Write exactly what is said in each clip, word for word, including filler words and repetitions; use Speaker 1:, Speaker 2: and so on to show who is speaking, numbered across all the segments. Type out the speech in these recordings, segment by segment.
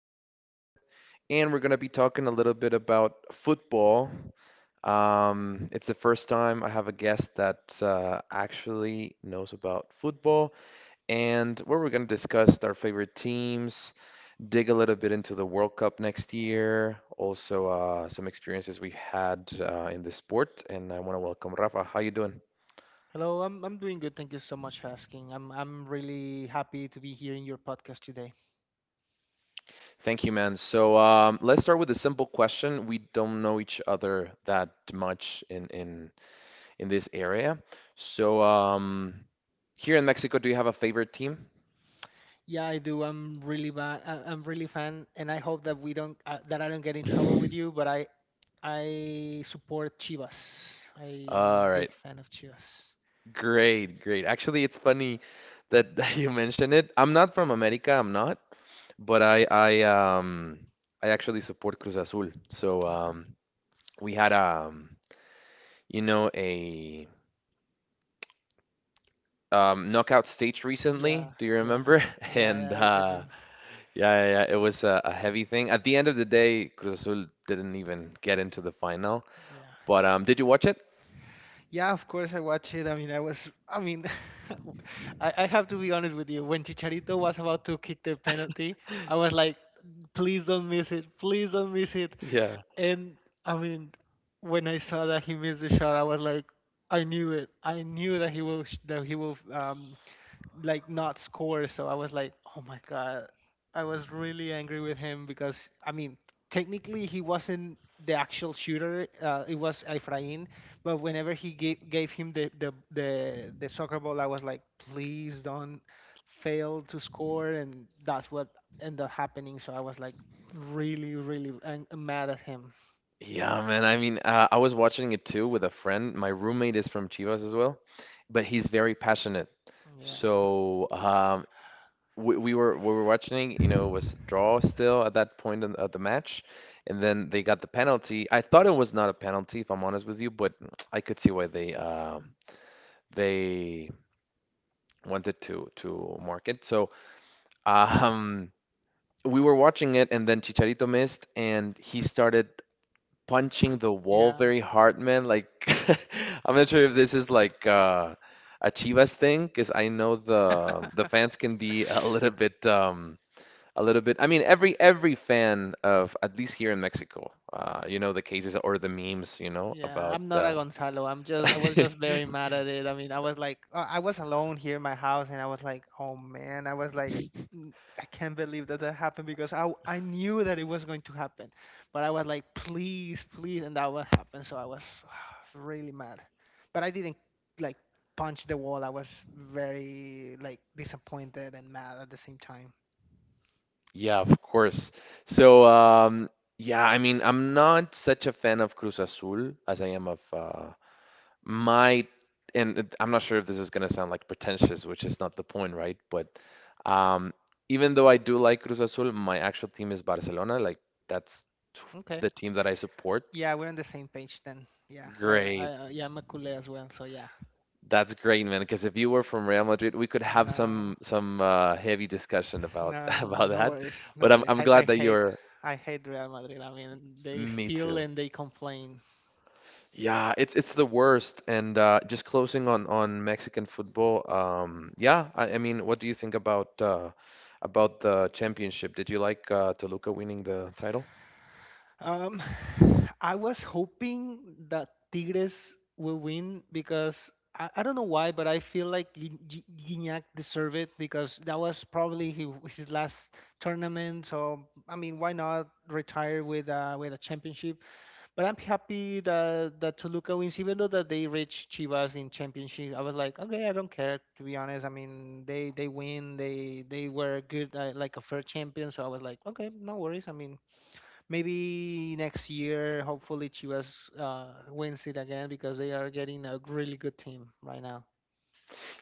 Speaker 1: Rafa this time, and we're going to be talking a little bit about football. Um, it's the first time I have a guest that uh, actually knows about football, and where we're going to discuss our favorite teams, dig a little bit into the World Cup next year, also uh, some experiences we've had uh, in the sport. And I want to welcome Rafa. How you doing?
Speaker 2: Hello, I'm I'm doing good. Thank you so much for asking. I'm I'm really happy to be here in your podcast today.
Speaker 1: Thank you, man. So um, let's start with a simple question. We don't know each other that much in in in this area. So um, Here in Mexico, do you have a favorite team?
Speaker 2: Yeah, I do. I'm really ba- I- I'm really fan, and I hope that we don't uh, that I don't get in trouble with you. But I I support Chivas. I am a
Speaker 1: All right,
Speaker 2: big fan of Chivas.
Speaker 1: great, great. Actually, it's funny that, that you mention it. I'm not from America, I'm not, but I I um I actually support Cruz Azul. So
Speaker 2: Okay.
Speaker 1: um we had um you know a um knockout stage
Speaker 2: Yeah,
Speaker 1: recently. Do you
Speaker 2: yeah,
Speaker 1: remember? And
Speaker 2: yeah. I, I
Speaker 1: uh
Speaker 2: do.
Speaker 1: yeah, yeah, yeah. It was a, a heavy thing. At the end of the day, Cruz Azul didn't even get into the final.
Speaker 2: Yeah.
Speaker 1: But um, did you watch it?
Speaker 2: Yeah, of course I watched it. I mean, I was, I mean, I, I have to be honest with you. When Chicharito was about to kick the penalty, I was like, please don't miss it. Please don't miss it.
Speaker 1: Yeah.
Speaker 2: And I mean, when I saw that he missed the shot, I was like, I knew it. I knew that he will, sh- that he will um, like not score. So I was like, oh my god, I was really angry with him because I mean, technically he wasn't the actual shooter. Uh, it was Efrain, but whenever he gave gave him the the the the soccer ball, I was like, please don't fail to score, and that's what ended up happening. So I was like really really ang- mad at him.
Speaker 1: Yeah, man. I mean, uh, I was watching it too with a friend. My roommate is from Chivas as well, but he's very passionate.
Speaker 2: Yeah,
Speaker 1: So um, we, we were we were watching. You know, it was draw still at that point in, of the match, and then they got the penalty. I thought it was not a penalty, if I'm honest with you, but I could see why they um, they wanted to to mark it. So. Um, we were watching it, and then Chicharito missed, and he started punching the wall
Speaker 2: yeah.
Speaker 1: very hard, man. Like, I'm not sure if this is like uh, a Chivas thing, because I know the the fans can be a little bit, um, a little bit. I mean, every every fan of at least here in Mexico, uh, you know, the cases or the memes, you know,
Speaker 2: Yeah,
Speaker 1: about.
Speaker 2: I'm not
Speaker 1: Uh,
Speaker 2: a Gonzalo. I'm just I was just very mad at it. I mean, I was like uh, I was alone here in my house and I was like, "Oh man, I was like "N- I can't believe that that happened because I I knew that it was going to happen, but I was like, "Please, please," and that would happen. So I was really mad. But I didn't like punch the wall. I was very like disappointed and mad at the same time.
Speaker 1: yeah, of course. So, um, yeah, I mean, I'm not such a fan of Cruz Azul as I am of uh, my, and it- I'm not sure if this is going to sound like pretentious, which is not the point, right? But um, even though I do like Cruz Azul, my actual team is Barcelona. Like, that's
Speaker 2: Okay.
Speaker 1: the team that I support.
Speaker 2: Yeah, we're on the same page then. Yeah, I, I,
Speaker 1: Great.
Speaker 2: uh, yeah, I'm a Kule as well. So yeah.
Speaker 1: That's great, man. Because if you were from Real Madrid, we could have some
Speaker 2: No.
Speaker 1: some uh, heavy discussion about
Speaker 2: No, no, no,
Speaker 1: about
Speaker 2: no
Speaker 1: that.
Speaker 2: worries, no
Speaker 1: But I'm
Speaker 2: worries.
Speaker 1: I'm
Speaker 2: I, I
Speaker 1: glad that
Speaker 2: hate,
Speaker 1: you're.
Speaker 2: I hate Real Madrid. I mean, they
Speaker 1: Me
Speaker 2: steal
Speaker 1: too.
Speaker 2: and they complain.
Speaker 1: Yeah, it's it's the worst. And uh, just closing on on Mexican football. Um, yeah, I, I mean, what do you think about uh, about the championship? Did you like uh, Toluca winning the title?
Speaker 2: Um, I was hoping that Tigres will win because I, I don't know why, but I feel like Gui- Gui- Guignac deserved it because that was probably his, his last tournament. So I mean, why not retire with uh, with a championship? But I'm happy that that Toluca wins, even though that they reached Chivas in championship. I was like, okay, I don't care to be honest. I mean, they they win, they they were good, uh, like a fair champion. So I was like, okay, no worries. I mean, maybe next year, hopefully Chivas uh, wins it again because they are getting a really good team right now.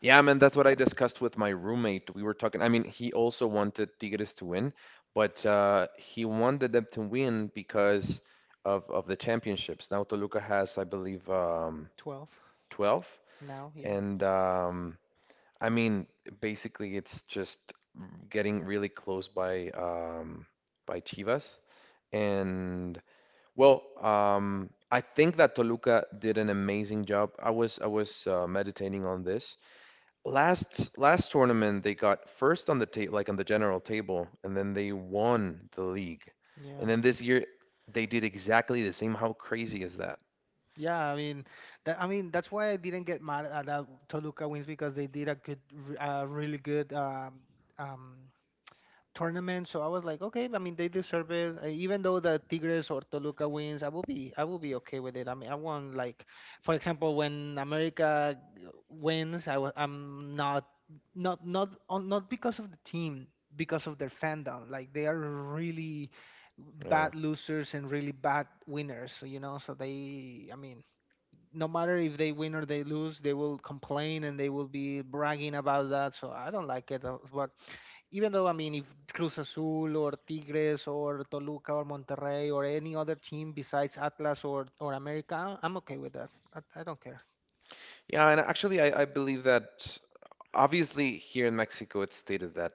Speaker 1: Yeah, man, that's what I discussed with my roommate. We were talking. I mean, he also wanted Tigres to win, but uh, he wanted them to win because of of the championships. Now Toluca has, I believe, um,
Speaker 2: Twelve
Speaker 1: twelve,
Speaker 2: now, yeah,
Speaker 1: and um, I mean, basically, it's just getting really close by um, by Chivas, and well, um, I think that Toluca did an amazing job. I was I was uh, meditating on this last last tournament. They got first on the ta like on the general table, and then they won the league,
Speaker 2: yeah.
Speaker 1: and then this year they did exactly the same. How crazy is that?
Speaker 2: Yeah, I mean, that, I mean that's why I didn't get mad at that Toluca wins because they did a good, r- uh, really good um, um, tournament. So I was like, okay, I mean, they deserve it. Uh, Even though the Tigres or Toluca wins, I will be, I will be okay with it. I mean, I won't like, for example, when America wins, I, w- I'm not, not, not, on, not because of the team, because of their fandom. Like they are really
Speaker 1: Yeah,
Speaker 2: bad losers and really bad winners. You know, so they, I mean no matter if they win or they lose, they will complain and they will be bragging about that. So I don't like it. uh, But even though, I mean, if Cruz Azul or Tigres or Toluca or Monterrey or any other team besides Atlas or, or America, I- I'm okay with that. I, I don't care.
Speaker 1: yeah, and actually, I, I believe that obviously here in Mexico, it's stated that.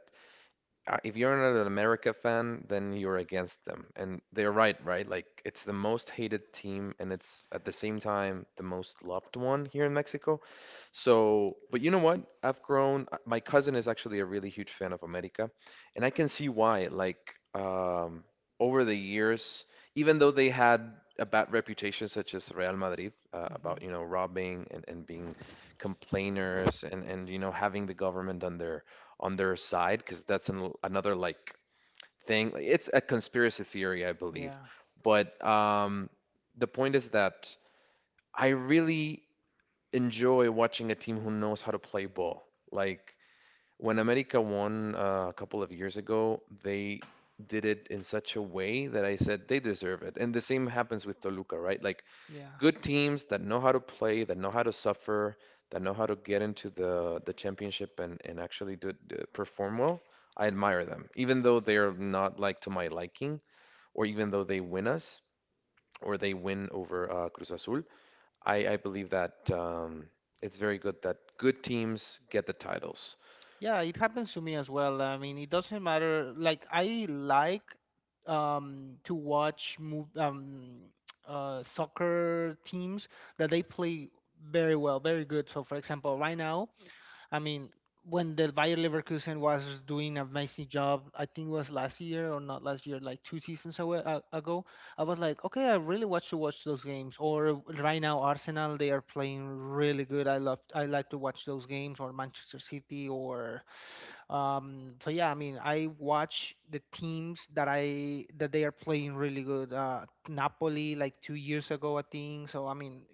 Speaker 1: uh, If you're not an America fan, then you're against them. And they're right, right? Like it's the most hated team and it's at the same time the most loved one here in Mexico. So, but you know what? I've grown. uh, My cousin is actually a really huge fan of America, and I can see why. Like, um, over the years, even though they had a bad reputation, such as Real Madrid, uh,
Speaker 2: hmm
Speaker 1: about, you know, robbing and, and being complainers and, and, you know, having the government on their on their side, because that's an, another like thing. Like, it's a conspiracy theory, I
Speaker 2: Yeah,
Speaker 1: believe. But um, the point is that I really enjoy watching a team who knows how to play ball. Like when America won uh, a couple of years ago, they did it in such a way that I said they deserve it. And the same happens with Toluca, right? Like
Speaker 2: yeah.
Speaker 1: good teams that know how to play, that know how to suffer, that know how to get into the the championship and and actually do, do- perform well. I admire them, even though they're not like to my liking, or even though they win us or they win over uh, Cruz Azul. I, I believe that um, it's very good that good teams get the titles.
Speaker 2: Yeah, it happens to me as well. I mean, it doesn't matter. Like, I like um, to watch mov- um, uh, soccer teams that they play very well, very good. So, for example, right now, I mean, when the Bayer Leverkusen was doing an amazing job, I think it was last year or not last year, like two seasons awa- a- ago, I was like, okay, I really want to watch those games. Or right now, Arsenal, they are playing really good. I love, I like to watch those games. Or Manchester City, or um, so yeah, I mean, I watch the teams that I that they are playing really good. Uh, Napoli like two years ago, I think. So I mean,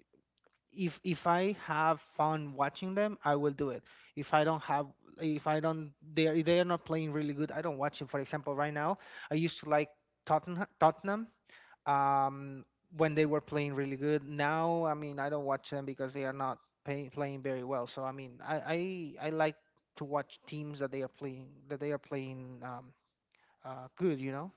Speaker 2: if if I have fun watching them, I will do it. If I don't have, if I don't, they are, if they are not playing really good, I don't watch it. For example, right now, I used to like Tottenham, Tottenham um, when they were playing really good. Now, I mean, I don't watch them because they are not pay, playing very well. So, I mean, I, I I like to watch teams that they are playing that they are playing um, uh, good. You know?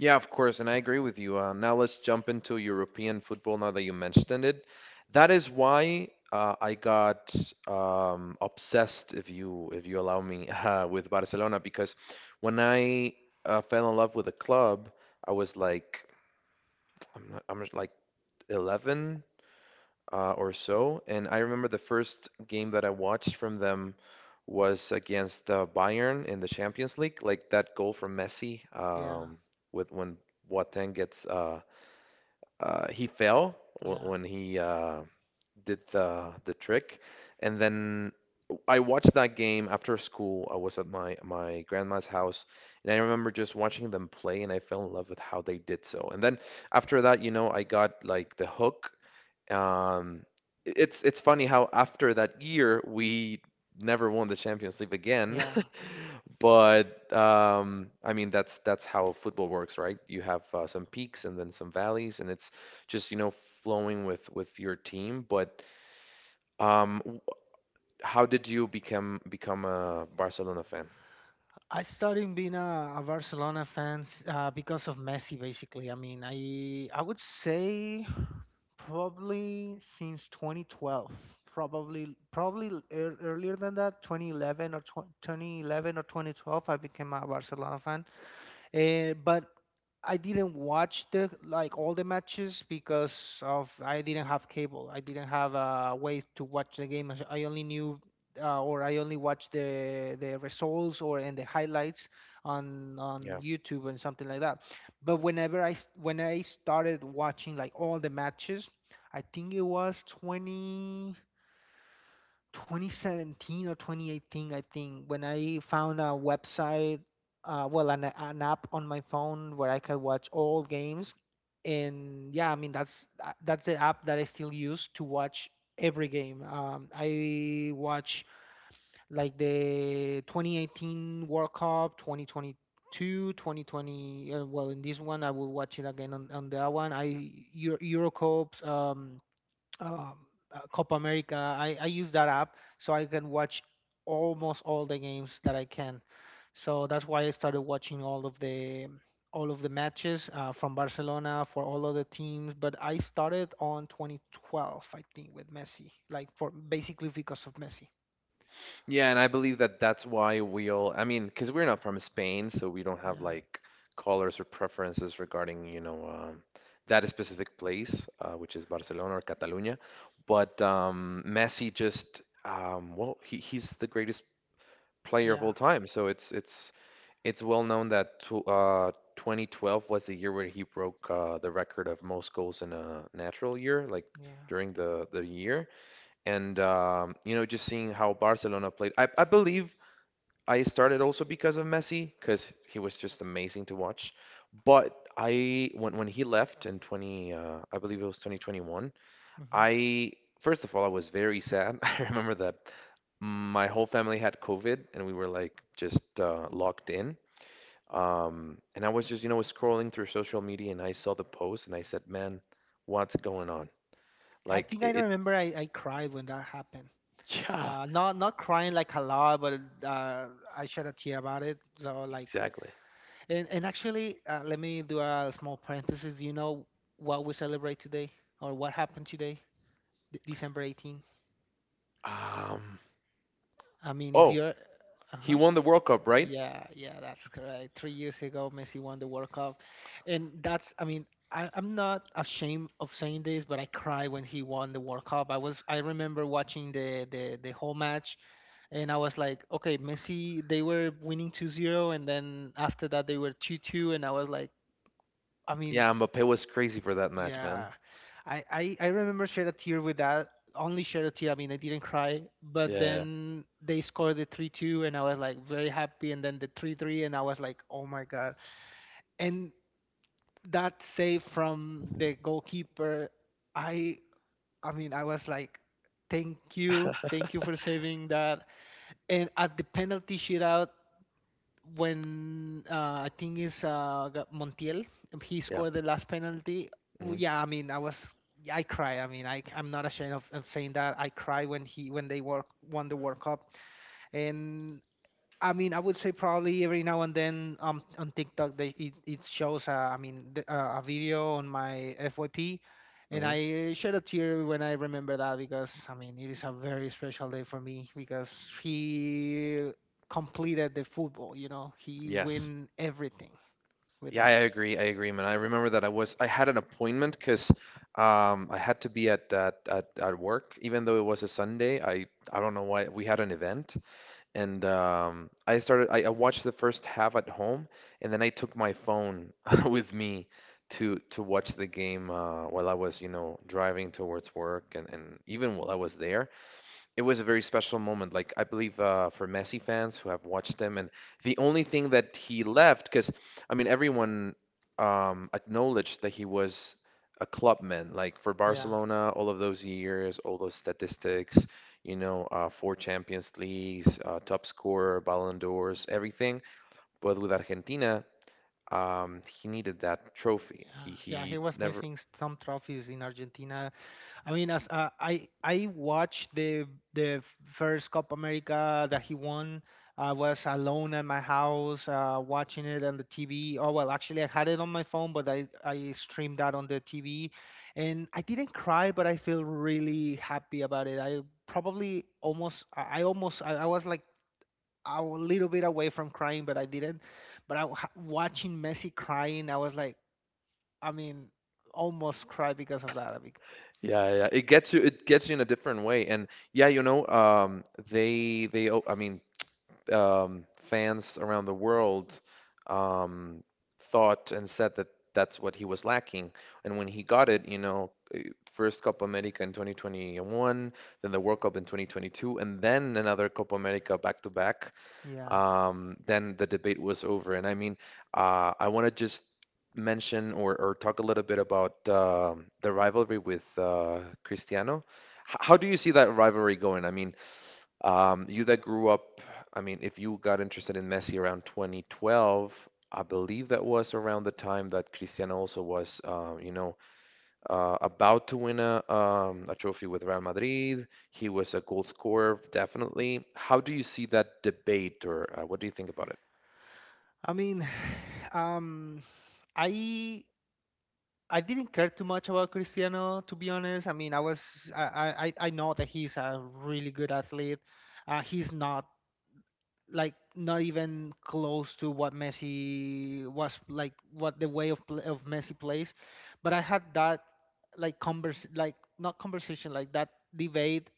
Speaker 1: Yeah, of course, and I agree with you. Uh, now let's jump into European football now that you mentioned it. That is why uh, I got um, obsessed, if you if you allow me, uh, with Barcelona because when I uh, fell in love with the club, I was like I'm not, I'm like eleven uh, or so, and I remember the first game that I watched from them was against uh, Bayern in the Champions League, like that goal from Messi
Speaker 2: Yeah,
Speaker 1: um, with when Boateng gets uh, uh, he fell wh-
Speaker 2: yeah,
Speaker 1: when he uh, did the the trick, and then I watched that game after school. I was at my my grandma's house, and I remember just watching them play, and I fell in love with how they did so. And then after that, you know, I got like the hook. Um, it's it's funny how after that year we never won the Champions League again.
Speaker 2: yeah.
Speaker 1: But um, I mean, that's that's how football works, right? You have uh, some peaks and then some valleys, and it's just, you know, flowing with with your team. But um, w- how did you become become a Barcelona fan?
Speaker 2: I started being a, a Barcelona fan uh, because of Messi, basically. I mean, I I would say probably since twenty twelve, probably probably ear earlier than that, twenty eleven or tw twenty eleven or twenty twelve, I became a Barcelona fan. Uh, but I didn't watch the like all the matches because of I didn't have cable. I didn't have a way to watch the game. As I only knew uh, or I only watched the the results or and the highlights on
Speaker 1: Yeah.
Speaker 2: on YouTube and something like that. But whenever I s- when I started watching like all the matches, I think it was twenty twenty seventeen or twenty eighteen, I think, when I found a website, uh, well, an, an app on my phone where I could watch all games. And yeah, I mean that's uh, that's the app that I still use to watch every game. Um, I watch like the twenty eighteen World Cup, twenty twenty-two, twenty twenty. Uh, well, in this one, I will watch it again on, on that one. I Euro, Euro Cups. Um, um, uh, Copa America. I, I use that app so I can watch almost all the games that I can. So that's why I started watching all of the all of the matches uh, from Barcelona for all of the teams. But I started on twenty twelve, I think, with Messi, like for basically because of Messi.
Speaker 1: Yeah, and I believe that that's why we all, I mean, because we're not from Spain, so we don't have
Speaker 2: Yeah,
Speaker 1: like colors or preferences regarding, you know, um, that specific place, uh, which is Barcelona or Catalunya. But um, Messi just, um, well, he, he's the greatest player of
Speaker 2: yeah,
Speaker 1: all time. So it's it's it's well known that tw uh, twenty twelve was the year where he broke uh, the record of most goals in a natural year, like
Speaker 2: yeah.
Speaker 1: during the the year. And um, you know, just seeing how Barcelona played, I, I believe I started also because of Messi, because he was just amazing to watch. But I when when he left in twenty, uh, I believe it was twenty twenty-one.
Speaker 2: hmm
Speaker 1: I first of all, I was very sad. I remember that my whole family had COVID and we were like just uh, locked in. Um, and I was just, you know, scrolling through social media and I saw the post and I said, "Man, what's going on?"
Speaker 2: I
Speaker 1: Like
Speaker 2: think I
Speaker 1: it, it
Speaker 2: remember I, I cried when that happened.
Speaker 1: yeah,
Speaker 2: Uh, not not crying like a lot, but uh, I shed a tear about it. So like,
Speaker 1: exactly.
Speaker 2: And and actually, uh, let me do a small parenthesis. Do you know what we celebrate today or what happened today, D December eighteenth?
Speaker 1: Um,
Speaker 2: I mean, if
Speaker 1: oh,
Speaker 2: you're,
Speaker 1: he
Speaker 2: uh-huh.
Speaker 1: won the World Cup, right?
Speaker 2: Yeah, yeah, that's correct. Three years ago, Messi won the World Cup. And that's, I mean, I, I'm not ashamed of saying this, but I cried when he won the World Cup. I was, I remember watching the, the, the whole match and I was like, okay, Messi, they were winning two zero and then after that they were two two and I was like, I mean,
Speaker 1: Yeah, Mbappe was crazy for that match, man.
Speaker 2: yeah, I, I I remember shed a tear with that. Only shed a tear. I mean, I didn't cry. But
Speaker 1: Yeah,
Speaker 2: then they scored the three two, and I was like very happy. And then the three three, and I was like, oh my god. And that save from the goalkeeper, I I mean, I was like, thank you, thank you for saving that. And at the penalty shootout, when uh, I think it's uh, Ga- Montiel, he
Speaker 1: yeah, yeah.
Speaker 2: scored the last penalty. w-
Speaker 1: Hmm.
Speaker 2: Yeah, I mean, I was, yeah, I cry. I mean, I, I'm not ashamed of, of saying that. I cry when he when they wor- won the World Cup, and I mean, I would say probably every now and then um on TikTok they it it shows uh, I mean the, uh, a video on my F Y P, and
Speaker 1: Hmm.
Speaker 2: I shed a tear when I remember that because I mean it is a very special day for me because he completed the football. You know, he
Speaker 1: Yes.
Speaker 2: win everything with
Speaker 1: Yeah, I
Speaker 2: that.
Speaker 1: agree. I agree, man. I remember that I was I had an appointment because um, I had to be at, at at at work, even though it was a Sunday. I I don't know why we had an event, and um, I started. I, I watched the first half at home, and then I took my phone with me to to watch the game uh, while I was, you know, driving towards work, and and even while I was there. It was a very special moment. Like I believe uh, for Messi fans who have watched him, and the only thing that he left, because I mean everyone um, acknowledged that he was a clubman. Like for
Speaker 2: Yeah,
Speaker 1: Barcelona, all of those years, all those statistics, you know, uh, four Champions Leagues, uh, top scorer, Ballon d'Ors, everything. But with Argentina, um, he needed that trophy.
Speaker 2: yeah,
Speaker 1: He
Speaker 2: yeah. He
Speaker 1: he
Speaker 2: was
Speaker 1: never
Speaker 2: missing some trophies in Argentina. I mean, as uh, I I watched the the first Copa America that he won. I was alone at my house uh, watching it on the T V. Oh well, actually, I had it on my phone, but I I streamed that on the T V, and I didn't cry, but I feel really happy about it. I probably almost I I almost I, I was like a little bit away from crying, but I didn't. But I wa- watching Messi crying, I was like, I mean, almost cry because of that. I mean,
Speaker 1: yeah, yeah. Yeah. It gets you it gets you in a different way. And yeah, you know, um they they o- I mean, um fans around the world um thought and said that that's what he was lacking. And when he got it, you know, eh, first Copa America in twenty twenty-one, then the World Cup in twenty twenty-two, and then another Copa America back to back
Speaker 2: yeah.
Speaker 1: um, then the debate was over. And I mean, uh, I want to just mention or, or talk a little bit about um the rivalry with uh, Cristiano. H how do you see that rivalry going? I mean, um, you that grew up, I mean, if you got interested in Messi around two thousand twelve, I believe that was around the time that Cristiano also was, uh, you know, uh, about to win a, um, a trophy with Real Madrid. He was a goal scorer, definitely. How do you see that debate, or uh, what do you think about it?
Speaker 2: I mean, um, I I didn't care too much about Cristiano, to be honest. I mean, I was I I, I I know that he's a really good athlete. Uh, he's not like not even close to what Messi was, like what the way of play, of Messi plays. But I had that, like convers like not conversation, like that debate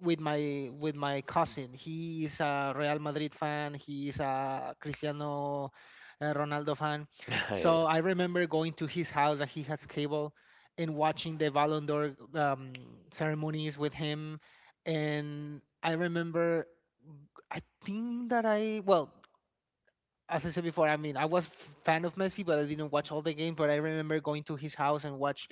Speaker 2: with my with my cousin. He is a Real Madrid fan, he is a Cristiano uh, Ronaldo fan.
Speaker 1: Yeah,
Speaker 2: So I remember going to his house that he has cable and watching the Ballon d'Or um, ceremonies with him. And I remember I think that I well, as I said before, I mean, I was fan of Messi, but I didn't watch all the games. But I remember going to his house and watch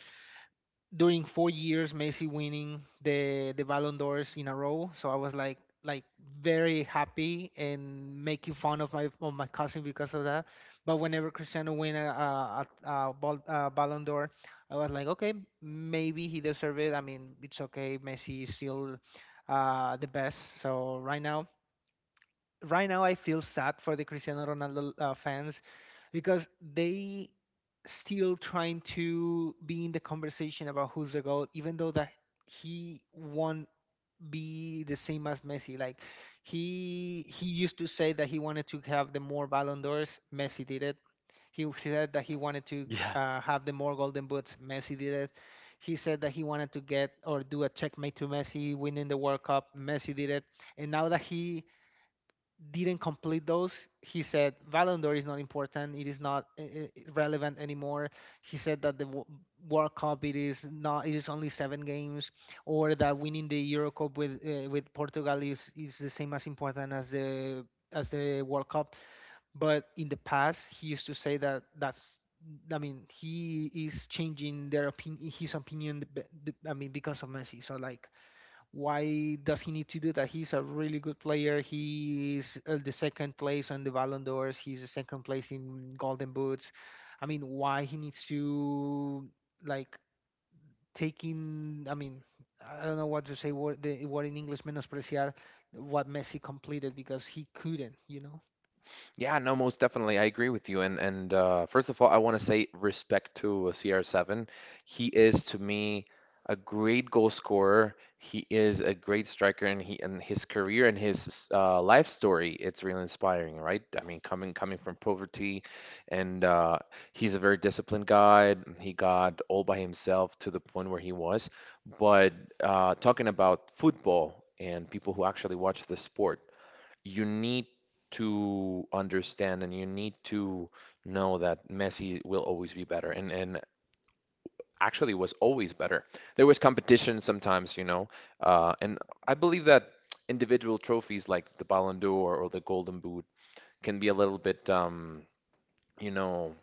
Speaker 2: during four years Messi winning the the Ballon d'Ors in a row. So I was like like very happy and making fun of my of my cousin because of that. But whenever Cristiano win a a, a, a, ball, a Ballon d'Or, I was like, okay, maybe he deserved it. I mean, it's okay. Messi is still uh, the best. So right now right now I feel sad for the Cristiano Ronaldo uh, fans because they still trying to be in the conversation about who's the goal, even though that he won't be the same as Messi. Like he he used to say that he wanted to have the more Ballon d'Ors. Messi did it. He said that he wanted to
Speaker 1: yeah.
Speaker 2: uh, have the more Golden Boots. Messi did it. He said that he wanted to get or do a checkmate to Messi winning the World Cup. Messi did it. And now that he didn't complete those. He said Ballon d'Or is not important. It is not uh, uh, relevant anymore. He said that the Wo- World Cup it is not. It is only seven games, or that winning the Euro Cup with uh, with Portugal is is the same as important as the as the World Cup. But in the past, he used to say that that's. I mean, he is changing their opinion, his opinion. b- b- I mean, because of Messi. So like, why does he need to do that? He's a really good player. He's uh, the second place on the Ballon d'Ors. He's the second place in Golden Boots. I mean, why he needs to like taking? I mean, I don't know what to say. What the what in English menospreciar what Messi completed because he couldn't. You know?
Speaker 1: Yeah, no, most definitely. I agree with you. And and uh, first of all, I want to say respect to C R seven. He is to me a great goal scorer. He is a great striker, and he and his career and his uh, life story, it's really inspiring, right? I mean, coming coming from poverty, and uh, he's a very disciplined guy. He got all by himself to the point where he was. But uh, talking about football and people who actually watch the sport, you need to understand and you need to know that Messi will always be better and and actually was always better. There was competition sometimes, you know, uh, and I believe that individual trophies like the Ballon d'Or or the Golden Boot can be a little bit, um, you know,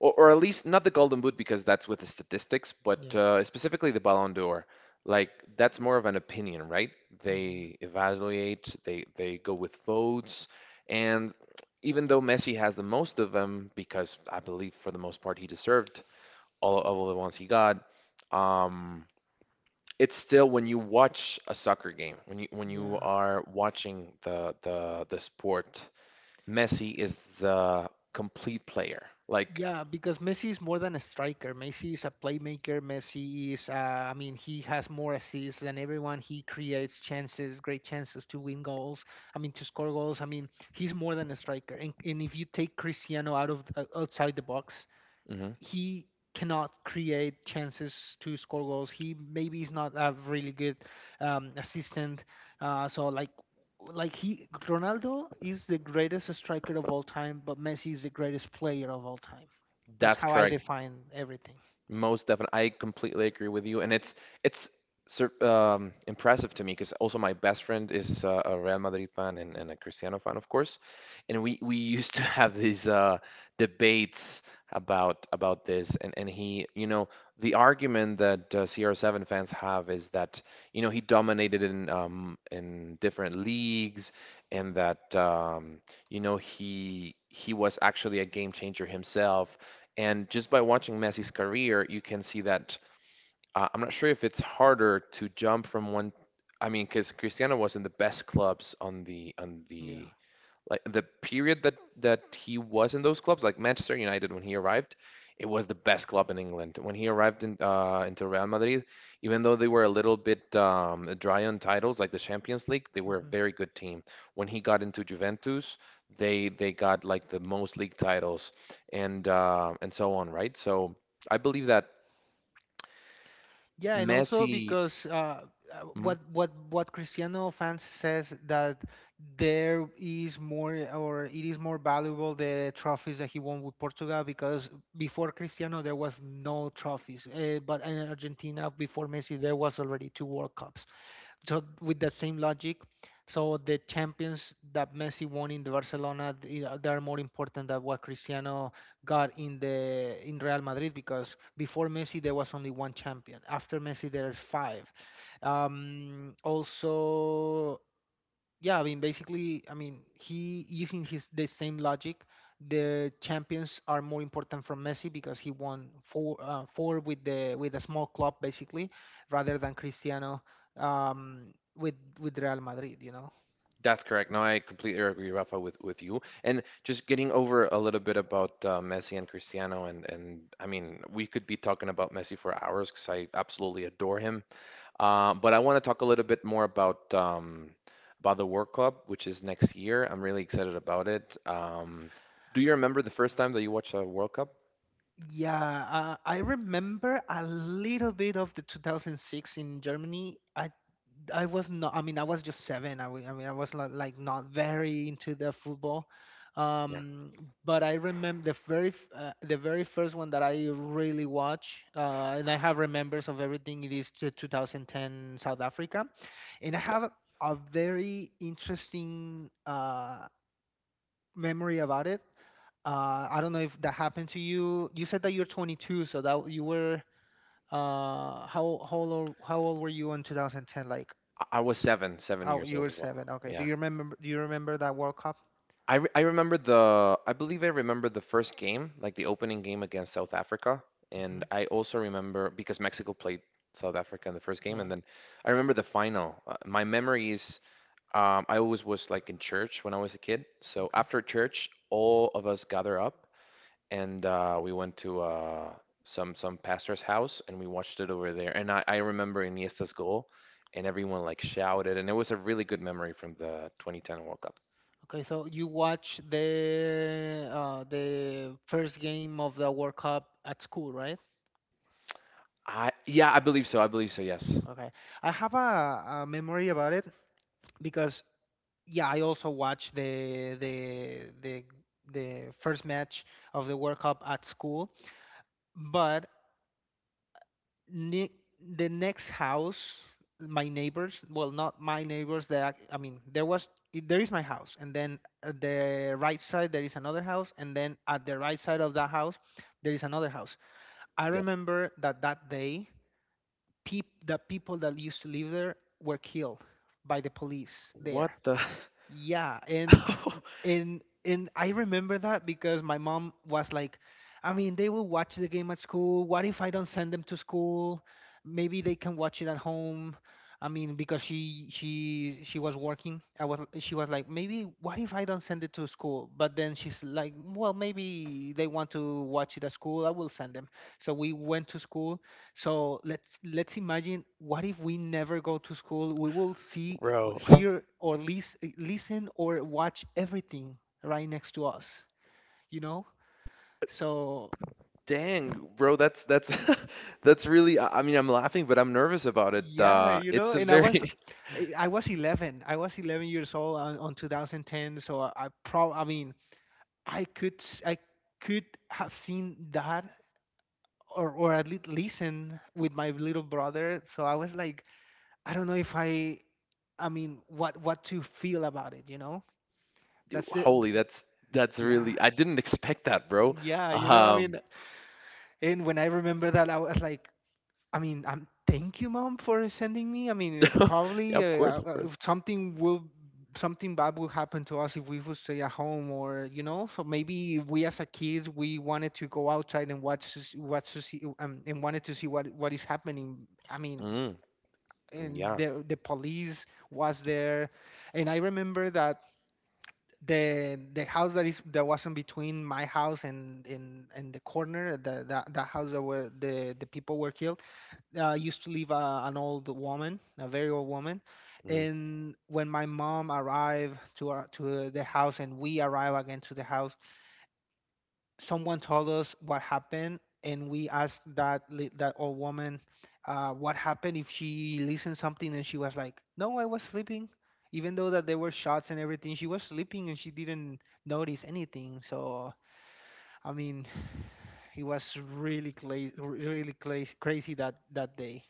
Speaker 1: or, or at least not the Golden Boot because that's with the statistics, but
Speaker 2: Yeah.
Speaker 1: uh, specifically the Ballon d'Or. Like, that's more of an opinion, right?
Speaker 2: Hmm.
Speaker 1: They evaluate, they they go with votes, and even though Messi has the most of them, because I believe for the most part he deserved all of all the ones he got, um, it's still when you watch a soccer game, when you when you
Speaker 2: Yeah.
Speaker 1: are watching the the the sport, Messi is the complete player. Like,
Speaker 2: Yeah, because Messi is more than a striker. Messi is a playmaker. Messi is, uh, I mean, he has more assists than everyone. He creates chances, great chances to win goals. I mean, to score goals. I mean, he's more than a striker. And, and if you take Cristiano out of uh, outside the box,
Speaker 1: mhm,
Speaker 2: he cannot create chances to score goals. He maybe is not a really good um, assistant. Uh, so like like he Ronaldo is the greatest striker of all time, but Messi is the greatest player of all time. That's
Speaker 1: that's
Speaker 2: how I
Speaker 1: correct.
Speaker 2: define everything.
Speaker 1: Most definitely, I completely agree with you, and it's it's sur um, impressive to me because also my best friend is uh, a Real Madrid fan and, and a Cristiano fan, of course, and we we used to have these uh, debates about about this, and and he, you know, the argument that uh, C R seven fans have is that, you know, he dominated in um, in different leagues, and that um, you know, he he was actually a game changer himself. And just by watching Messi's career, you can see that uh, I'm not sure if it's harder to jump from one. I mean, because Cristiano was in the best clubs on the on
Speaker 2: Yeah.
Speaker 1: the like the period that that he was in those clubs, like Manchester United when he arrived, it was the best club in England. When he arrived in uh, into Real Madrid, even though they were a little bit um, dry on titles, like the Champions League, they were a very good team. When he got into Juventus, they they got like the most league titles and uh, and so on, right? So I believe that
Speaker 2: Yeah, and also
Speaker 1: Messi.
Speaker 2: because uh, uh, what what what Cristiano fans says that there is more or it is more valuable the trophies that he won with Portugal, because before Cristiano there was no trophies, uh, but in Argentina before Messi there was already two World Cups. So with that same logic, so the champions that Messi won in the Barcelona, they are they are more important than what Cristiano got in the in Real Madrid, because before Messi there was only one champion. After Messi there's five. Um, also, yeah, I mean, basically, I mean, he using his the same logic. The champions are more important from Messi because he won four uh, four with the with a small club basically, rather than Cristiano um, with with Real Madrid. You know.
Speaker 1: That's correct. No, I completely agree, Rafa, with, with you. And just getting over a little bit about uh, Messi and Cristiano, and, and I mean, we could be talking about Messi for hours because I absolutely adore him. Uh, but I want to talk a little bit more about um, about the World Cup, which is next year. I'm really excited about it. Um, do you remember the first time that you watched a World Cup?
Speaker 2: Yeah, uh, I remember a little bit of the two thousand six in Germany. I I was not. I mean, I was just seven. I, wa- I mean, I was not, like not very into the football.
Speaker 1: Yeah,
Speaker 2: Um, but I remember the very f- uh, the very first one that I really watch, uh, and I have remembers of everything. It is the two thousand ten South Africa, and I
Speaker 1: yeah.
Speaker 2: have a a very interesting uh, memory about it. Uh, I don't know if that happened to you. You said that you're twenty-two, so that you were uh, how how old how old were you in twenty ten? Like
Speaker 1: I I was seven, seven
Speaker 2: Oh,
Speaker 1: years
Speaker 2: you
Speaker 1: old
Speaker 2: were
Speaker 1: as well.
Speaker 2: seven. Okay. Do
Speaker 1: Yeah.
Speaker 2: you remember? Do you remember that World Cup?
Speaker 1: I, re- I remember the, I believe I remember the first game, like the opening game against South Africa,
Speaker 2: Hmm.
Speaker 1: and I also remember because Mexico played South Africa in the first game, and
Speaker 2: Yeah.
Speaker 1: then I remember the final. Uh, my memories, um, I always was like in church when I was a kid, so
Speaker 2: Okay.
Speaker 1: after church, all of us gather up and uh, we went to uh, some some pastor's house and we watched it over there, and I, I remember Iniesta's goal, and everyone like shouted, and it was a really good memory from the twenty ten World Cup.
Speaker 2: Okay, so you watched the uh, the first game of the World Cup at school, right?
Speaker 1: I yeah, I believe so. I believe so. Yes.
Speaker 2: Okay. I have a, a memory about it because yeah, I also watched the the the the first match of the World Cup at school, but ne- the next house, my neighbors, well, not my neighbors, that I mean there was i- there is my house and then at the right side there is another house, and then at the right side of that house there is another house. I
Speaker 1: Yeah.
Speaker 2: remember that that day peop- the people that used to live there were killed by the police
Speaker 1: What
Speaker 2: there.
Speaker 1: the
Speaker 2: Yeah. And
Speaker 1: oh,
Speaker 2: and and I remember that because my mom was like, I mean, they will watch the game at school. What if I don't send them to school? Maybe they can watch it at home. I mean, because she she she was working. I was she was like, maybe what if I don't send it to school? But then she's like, well, maybe they want to watch it at school. I will send them. So we went to school, so let's let's imagine what if we never go to school? We will see, uh, or
Speaker 1: Bro.
Speaker 2: hear, or lis- uh, listen, or watch everything right next to us. You know. So
Speaker 1: Dang, bro, that's that's that's really, I I mean, I'm laughing, but I'm nervous about it.
Speaker 2: yeah,
Speaker 1: Uh
Speaker 2: you know.
Speaker 1: it's a
Speaker 2: And I
Speaker 1: very
Speaker 2: was, I I was eleven. I was eleven years old on, on two thousand ten. So I, I prob I mean, I could s- I could have seen that. Or, or at least listen with my little brother. So I was like, I don't know if I, I mean, what what to feel about it, you know? That's it.
Speaker 1: holy, that's that's
Speaker 2: Yeah.
Speaker 1: really, I didn't expect that, bro.
Speaker 2: Yeah. You know, I
Speaker 1: Um
Speaker 2: mean, and when I remember that, I was like, I mean, I'm thank you, mom, for sending me. I mean, it
Speaker 1: Yeah,
Speaker 2: probably uh,
Speaker 1: of course,
Speaker 2: uh,
Speaker 1: of
Speaker 2: uh,
Speaker 1: course.
Speaker 2: if something will, something bad will happen to us if we would stay at home, or you know. So maybe we as a kid we wanted to go outside and watch, to s- watch, to see, um, and wanted to see what what is happening. I mean,
Speaker 1: Mm,
Speaker 2: and
Speaker 1: yeah.
Speaker 2: the the police was there, and I remember that the the house that is that was in between my house and in and the corner the that, that house that where the the people were killed uh, used to live uh, an old woman, a very old woman.
Speaker 1: Mm.
Speaker 2: And when my mom arrived to our, to the house, and we arrived again to the house, someone told us what happened, and we asked that li- that old woman uh, what happened, if she listened something, and she was like, no, I was sleeping. Even though that there were shots and everything, she was sleeping and she didn't notice anything. So I mean, it was really cla- really cla- crazy that that day.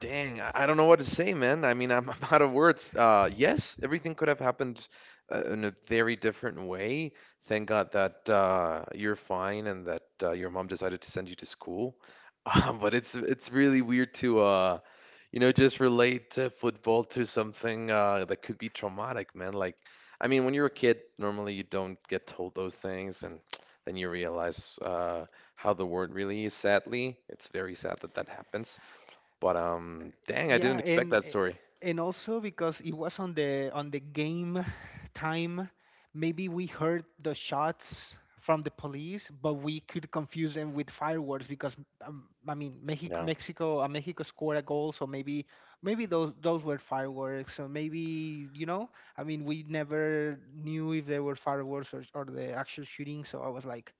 Speaker 1: Dang, I I don't know what to say, man. I mean, I'm, I'm out of words. Uh, yes, everything could have happened uh, in a very different way. Thank God that uh, you're fine and that uh, your mom decided to send you to school. Um, but it's it's really weird to uh, you know, just relate to football to something uh, that could be traumatic, man. Like, I mean, when you're a kid, normally you don't get told those things, and then you realize uh, how the world really is. Sadly, it's very sad that that happens. But um, dang, I
Speaker 2: Yeah,
Speaker 1: didn't expect
Speaker 2: and
Speaker 1: that
Speaker 2: a-
Speaker 1: story.
Speaker 2: and also because it was on the on the game time, maybe we heard the shots from the police, but we could confuse them with fireworks because um, I mean Mexico
Speaker 1: Yeah,
Speaker 2: Mexico uh, Mexico scored a goal, so maybe maybe those those were fireworks, or maybe you know, I mean we never knew if they were fireworks or or the actual shooting. So I was like,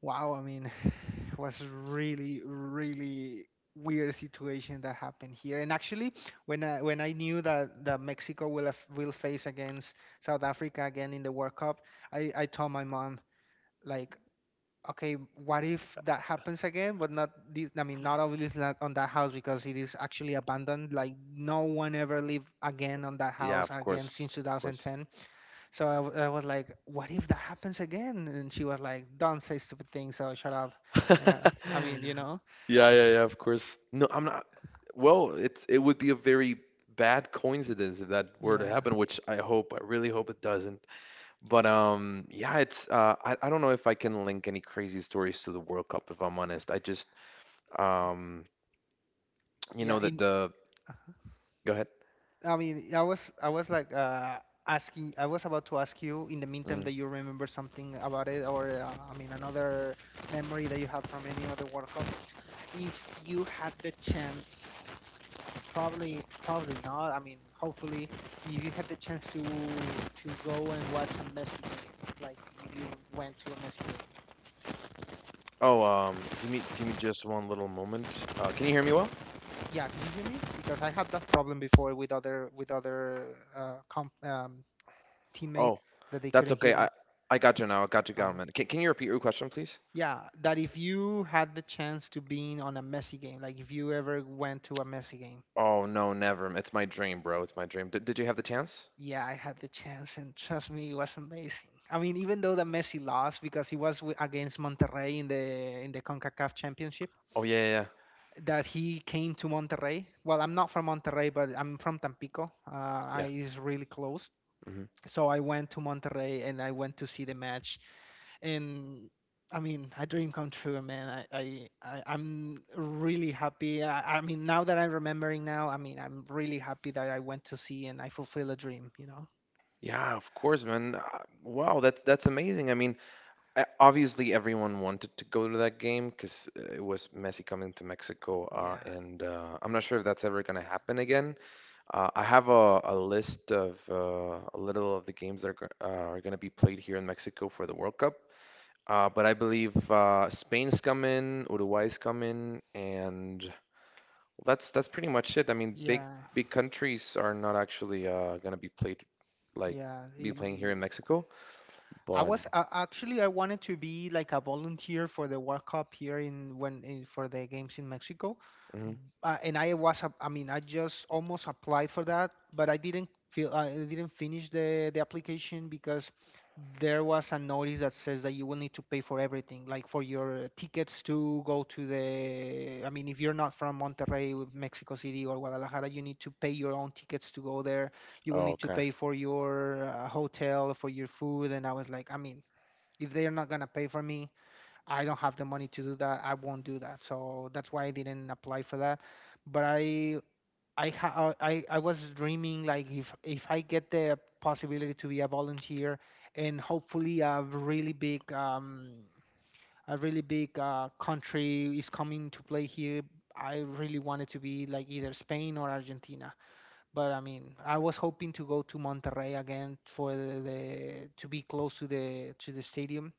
Speaker 2: wow, I mean, it was really, really weird situation that happened here. And actually, when I when I knew that, that Mexico will af- will face against South Africa again in the World Cup, I, I told my mom like, okay, what if that happens again? But not this. I mean, not obviously not on that house, because it is actually abandoned. Like no one ever lived again on that
Speaker 1: yeah,
Speaker 2: house
Speaker 1: of
Speaker 2: again
Speaker 1: course,
Speaker 2: since
Speaker 1: of course.
Speaker 2: two thousand ten. So I, w- I was like, what if that happens again? And she was like, don't say stupid things, so shut up. And uh, I mean, you know,
Speaker 1: Yeah, yeah, yeah, of course. No, I'm not. Well, it's it would be a very bad coincidence if that were to
Speaker 2: Yeah.
Speaker 1: happen, which I hope, I really hope it doesn't. But um, yeah, it's uh, I I don't know if I can link any crazy stories to the World Cup if I'm honest. I just um, you
Speaker 2: yeah,
Speaker 1: know that
Speaker 2: in
Speaker 1: the,
Speaker 2: uh,
Speaker 1: go ahead.
Speaker 2: I mean, I was I was like uh asking, I was about to ask you in the meantime
Speaker 1: Mm.
Speaker 2: that you remember something about it, or uh, I mean another memory that you have from any other World Cup. If you had the chance Probably, probably not. I mean, hopefully, if you had the chance to to go and watch a Messi game, like if you went to a Messi game.
Speaker 1: Oh, um, give me give me just one little moment. Uh, can you hear me well?
Speaker 2: Yeah, do you hear me? Because I had that problem before with other with other uh, comp, um, teammate
Speaker 1: Oh,
Speaker 2: that they
Speaker 1: that's
Speaker 2: couldn't
Speaker 1: okay.
Speaker 2: hear
Speaker 1: I
Speaker 2: me.
Speaker 1: I got you now. I got you,
Speaker 2: Okay.
Speaker 1: Galman. Can can you repeat your question, please?
Speaker 2: Yeah, that if you had the chance to being on a Messi game, like if you ever went to a Messi game.
Speaker 1: Oh no, never. It's my dream, bro. It's my dream. Did did you have the chance?
Speaker 2: Yeah, I had the chance, and trust me, it was amazing. I mean, even though the Messi lost because he was wi- against Monterrey in the in the Concacaf Championship,
Speaker 1: Oh yeah, yeah,
Speaker 2: that he came to Monterrey. Well, I'm not from Monterrey, but I'm from Tampico. Uh,
Speaker 1: yeah.
Speaker 2: I
Speaker 1: Yeah,
Speaker 2: is really close,
Speaker 1: hmm
Speaker 2: so I went to Monterrey and I went to see the match. And I mean, a dream come true, man. I I, I I'm really happy. I, I mean, now that I'm remembering now, I mean, I'm really happy that I went to see and I fulfill a dream. You know?
Speaker 1: Yeah, of course, man. Uh, Wow, that's that's amazing. I mean, uh, obviously everyone wanted to go to that game because it was Messi coming to Mexico, uh,
Speaker 2: Yeah.
Speaker 1: and uh, I'm not sure if that's ever gonna happen again. Uh, I have a, a list of uh, a little of the games that are, go- uh, are going to be played here in Mexico for the World Cup. Uh, but I believe uh, Spain's come in, Uruguay's come in, and well, that's that's pretty much it. I mean, big
Speaker 2: Yeah,
Speaker 1: big countries are not actually uh, gonna be played like
Speaker 2: yeah.
Speaker 1: be
Speaker 2: in
Speaker 1: playing here
Speaker 2: the-
Speaker 1: in Mexico,
Speaker 2: I
Speaker 1: but
Speaker 2: was uh, actually I wanted to be like a volunteer for the World Cup here in when in, for the games in Mexico.
Speaker 1: mhm.
Speaker 2: Uh, and I was ap- I mean I just almost applied for that, but I didn't feel uh, I didn't finish the the application because there was a notice that says that you will need to pay for everything, like for your tickets to go to the. I mean, if you're not from Monterrey, with Mexico City, or Guadalajara, you need to pay your own tickets to go there. You will
Speaker 1: Oh,
Speaker 2: need to
Speaker 1: okay.
Speaker 2: pay for your uh, hotel, for your food, and I was like, I mean, if they're not gonna pay for me, I don't have the money to do that. I won't do that. So that's why I didn't apply for that. But I I ha- uh, I I was dreaming like if if I get the possibility to be a volunteer and hopefully a really big um a really big uh, country is coming to play here. I really wanted to be like either Spain or Argentina, but I mean, I was hoping to go to Monterrey again for the, the to be close to the to the stadium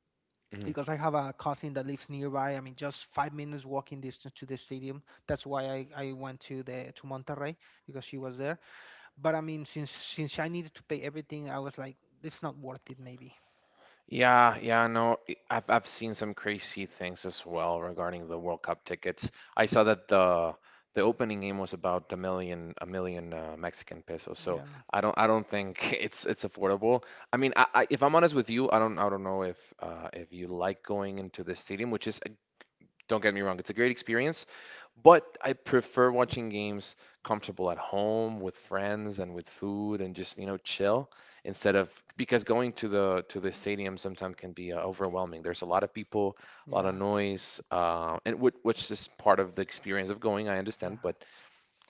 Speaker 1: Mhm.
Speaker 2: because I have a cousin that lives nearby. I mean, just five minutes walking distance to the stadium. That's why I, I went to the to Monterrey because she was there. But I mean, since since I needed to pay everything, I was like, it's not worth it. Maybe.
Speaker 1: Yeah, yeah, no, i- I've I've seen some crazy things as well regarding the World Cup tickets. I saw that the the opening game was about a million a million uh, Mexican pesos. So
Speaker 2: Yeah,
Speaker 1: I don't, I don't think it's it's affordable. I mean, I, I if I'm honest with you, I don't, I don't know if uh, if you like going into the stadium, which is, don't get me wrong, it's a great experience, but I prefer watching games comfortable at home with friends and with food and just, you know, chill instead of, because going to the to the stadium sometimes can be uh, overwhelming. There's a lot of people, a lot
Speaker 2: yeah,
Speaker 1: of noise, uh, and which, which is part of the experience of going, I understand,
Speaker 2: yeah.
Speaker 1: but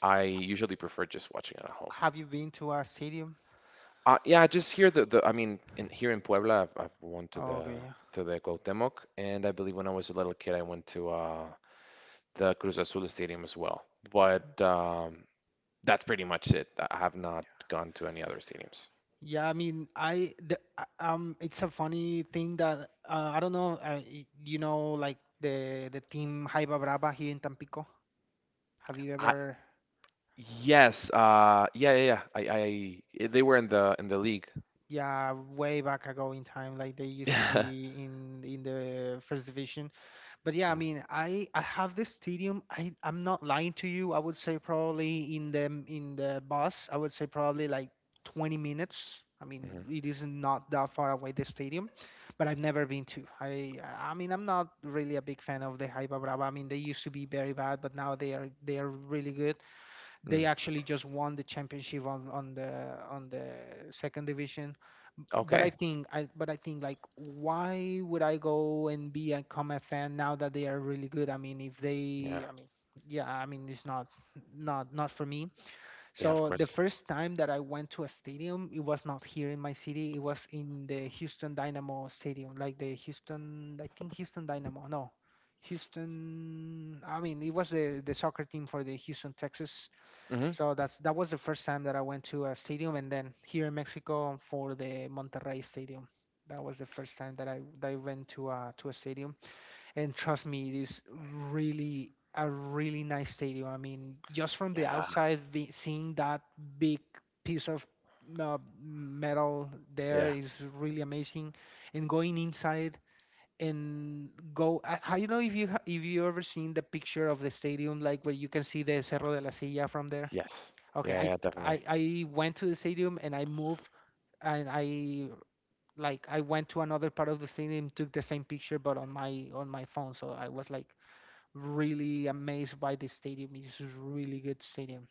Speaker 1: I usually prefer just watching it at home.
Speaker 2: Have you been to a stadium?
Speaker 1: Uh, yeah, just here the, the I mean in, here in Puebla I've, I've went to
Speaker 2: Oh,
Speaker 1: the
Speaker 2: okay, yeah.
Speaker 1: to the Cuauhtémoc, and I believe when I was a little kid I went to uh the Cruz Azul Stadium as well. But um, that's pretty much it. I have not gone to any other stadiums.
Speaker 2: Yeah, I mean, I the, uh, um, it's a funny thing that uh, I don't know. Uh, y- you know, like the the team Jaiba Brava here in Tampico. Have you
Speaker 1: I,
Speaker 2: ever?
Speaker 1: yes, uh, yeah, yeah, yeah. I, I, they were in the in the league.
Speaker 2: Yeah, way back ago in time, like they used to
Speaker 1: Yeah.
Speaker 2: be in in the first division. But yeah, I mean, I I have this stadium. I I'm not lying to you. I would say probably in the in the bus, I would say probably like twenty minutes. I mean,
Speaker 1: hmm
Speaker 2: it is not that far away the stadium, but I've never been to. I I mean, I'm not really a big fan of the Hypa Brava. I mean, they used to be very bad, but now they are they are really good.
Speaker 1: Mm.
Speaker 2: They actually just won the championship on on the on the second division. But i
Speaker 1: Okay.
Speaker 2: think i but i think like why would I go and be and become a fan now that they are really good. I mean, if
Speaker 1: Yeah.
Speaker 2: they, I mean, yeah, I mean, it's not not not for me.
Speaker 1: Yeah, of
Speaker 2: So the
Speaker 1: course.
Speaker 2: first time that I went to a stadium, it was not here in my city. It was in the Houston Dynamo Stadium, like the Houston. I think Houston Dynamo. No, Houston. I mean, it was the the soccer team for the Houston, Texas.
Speaker 1: Hmm
Speaker 2: So that's that was the first time that I went to a stadium, and then here in Mexico for the Monterrey Stadium. That was the first time that I that I went to a to a stadium, and trust me, it is really a really nice stadium. I mean, just from the
Speaker 1: Yeah.
Speaker 2: outside, ve- seeing that big piece of uh, metal there
Speaker 1: Yeah.
Speaker 2: is really amazing, and going inside and go. I, I don't know if you ha- if you ever seen the picture of the stadium, like where you can see the Cerro de la Silla from there.
Speaker 1: Yes.
Speaker 2: Okay,
Speaker 1: Yeah,
Speaker 2: I
Speaker 1: yeah,
Speaker 2: I
Speaker 1: definitely.
Speaker 2: I went to the stadium and I moved and I, like, I went to another part of the stadium, took the same picture but on my on my phone. So I was like really amazed by the stadium. It's a really good stadium.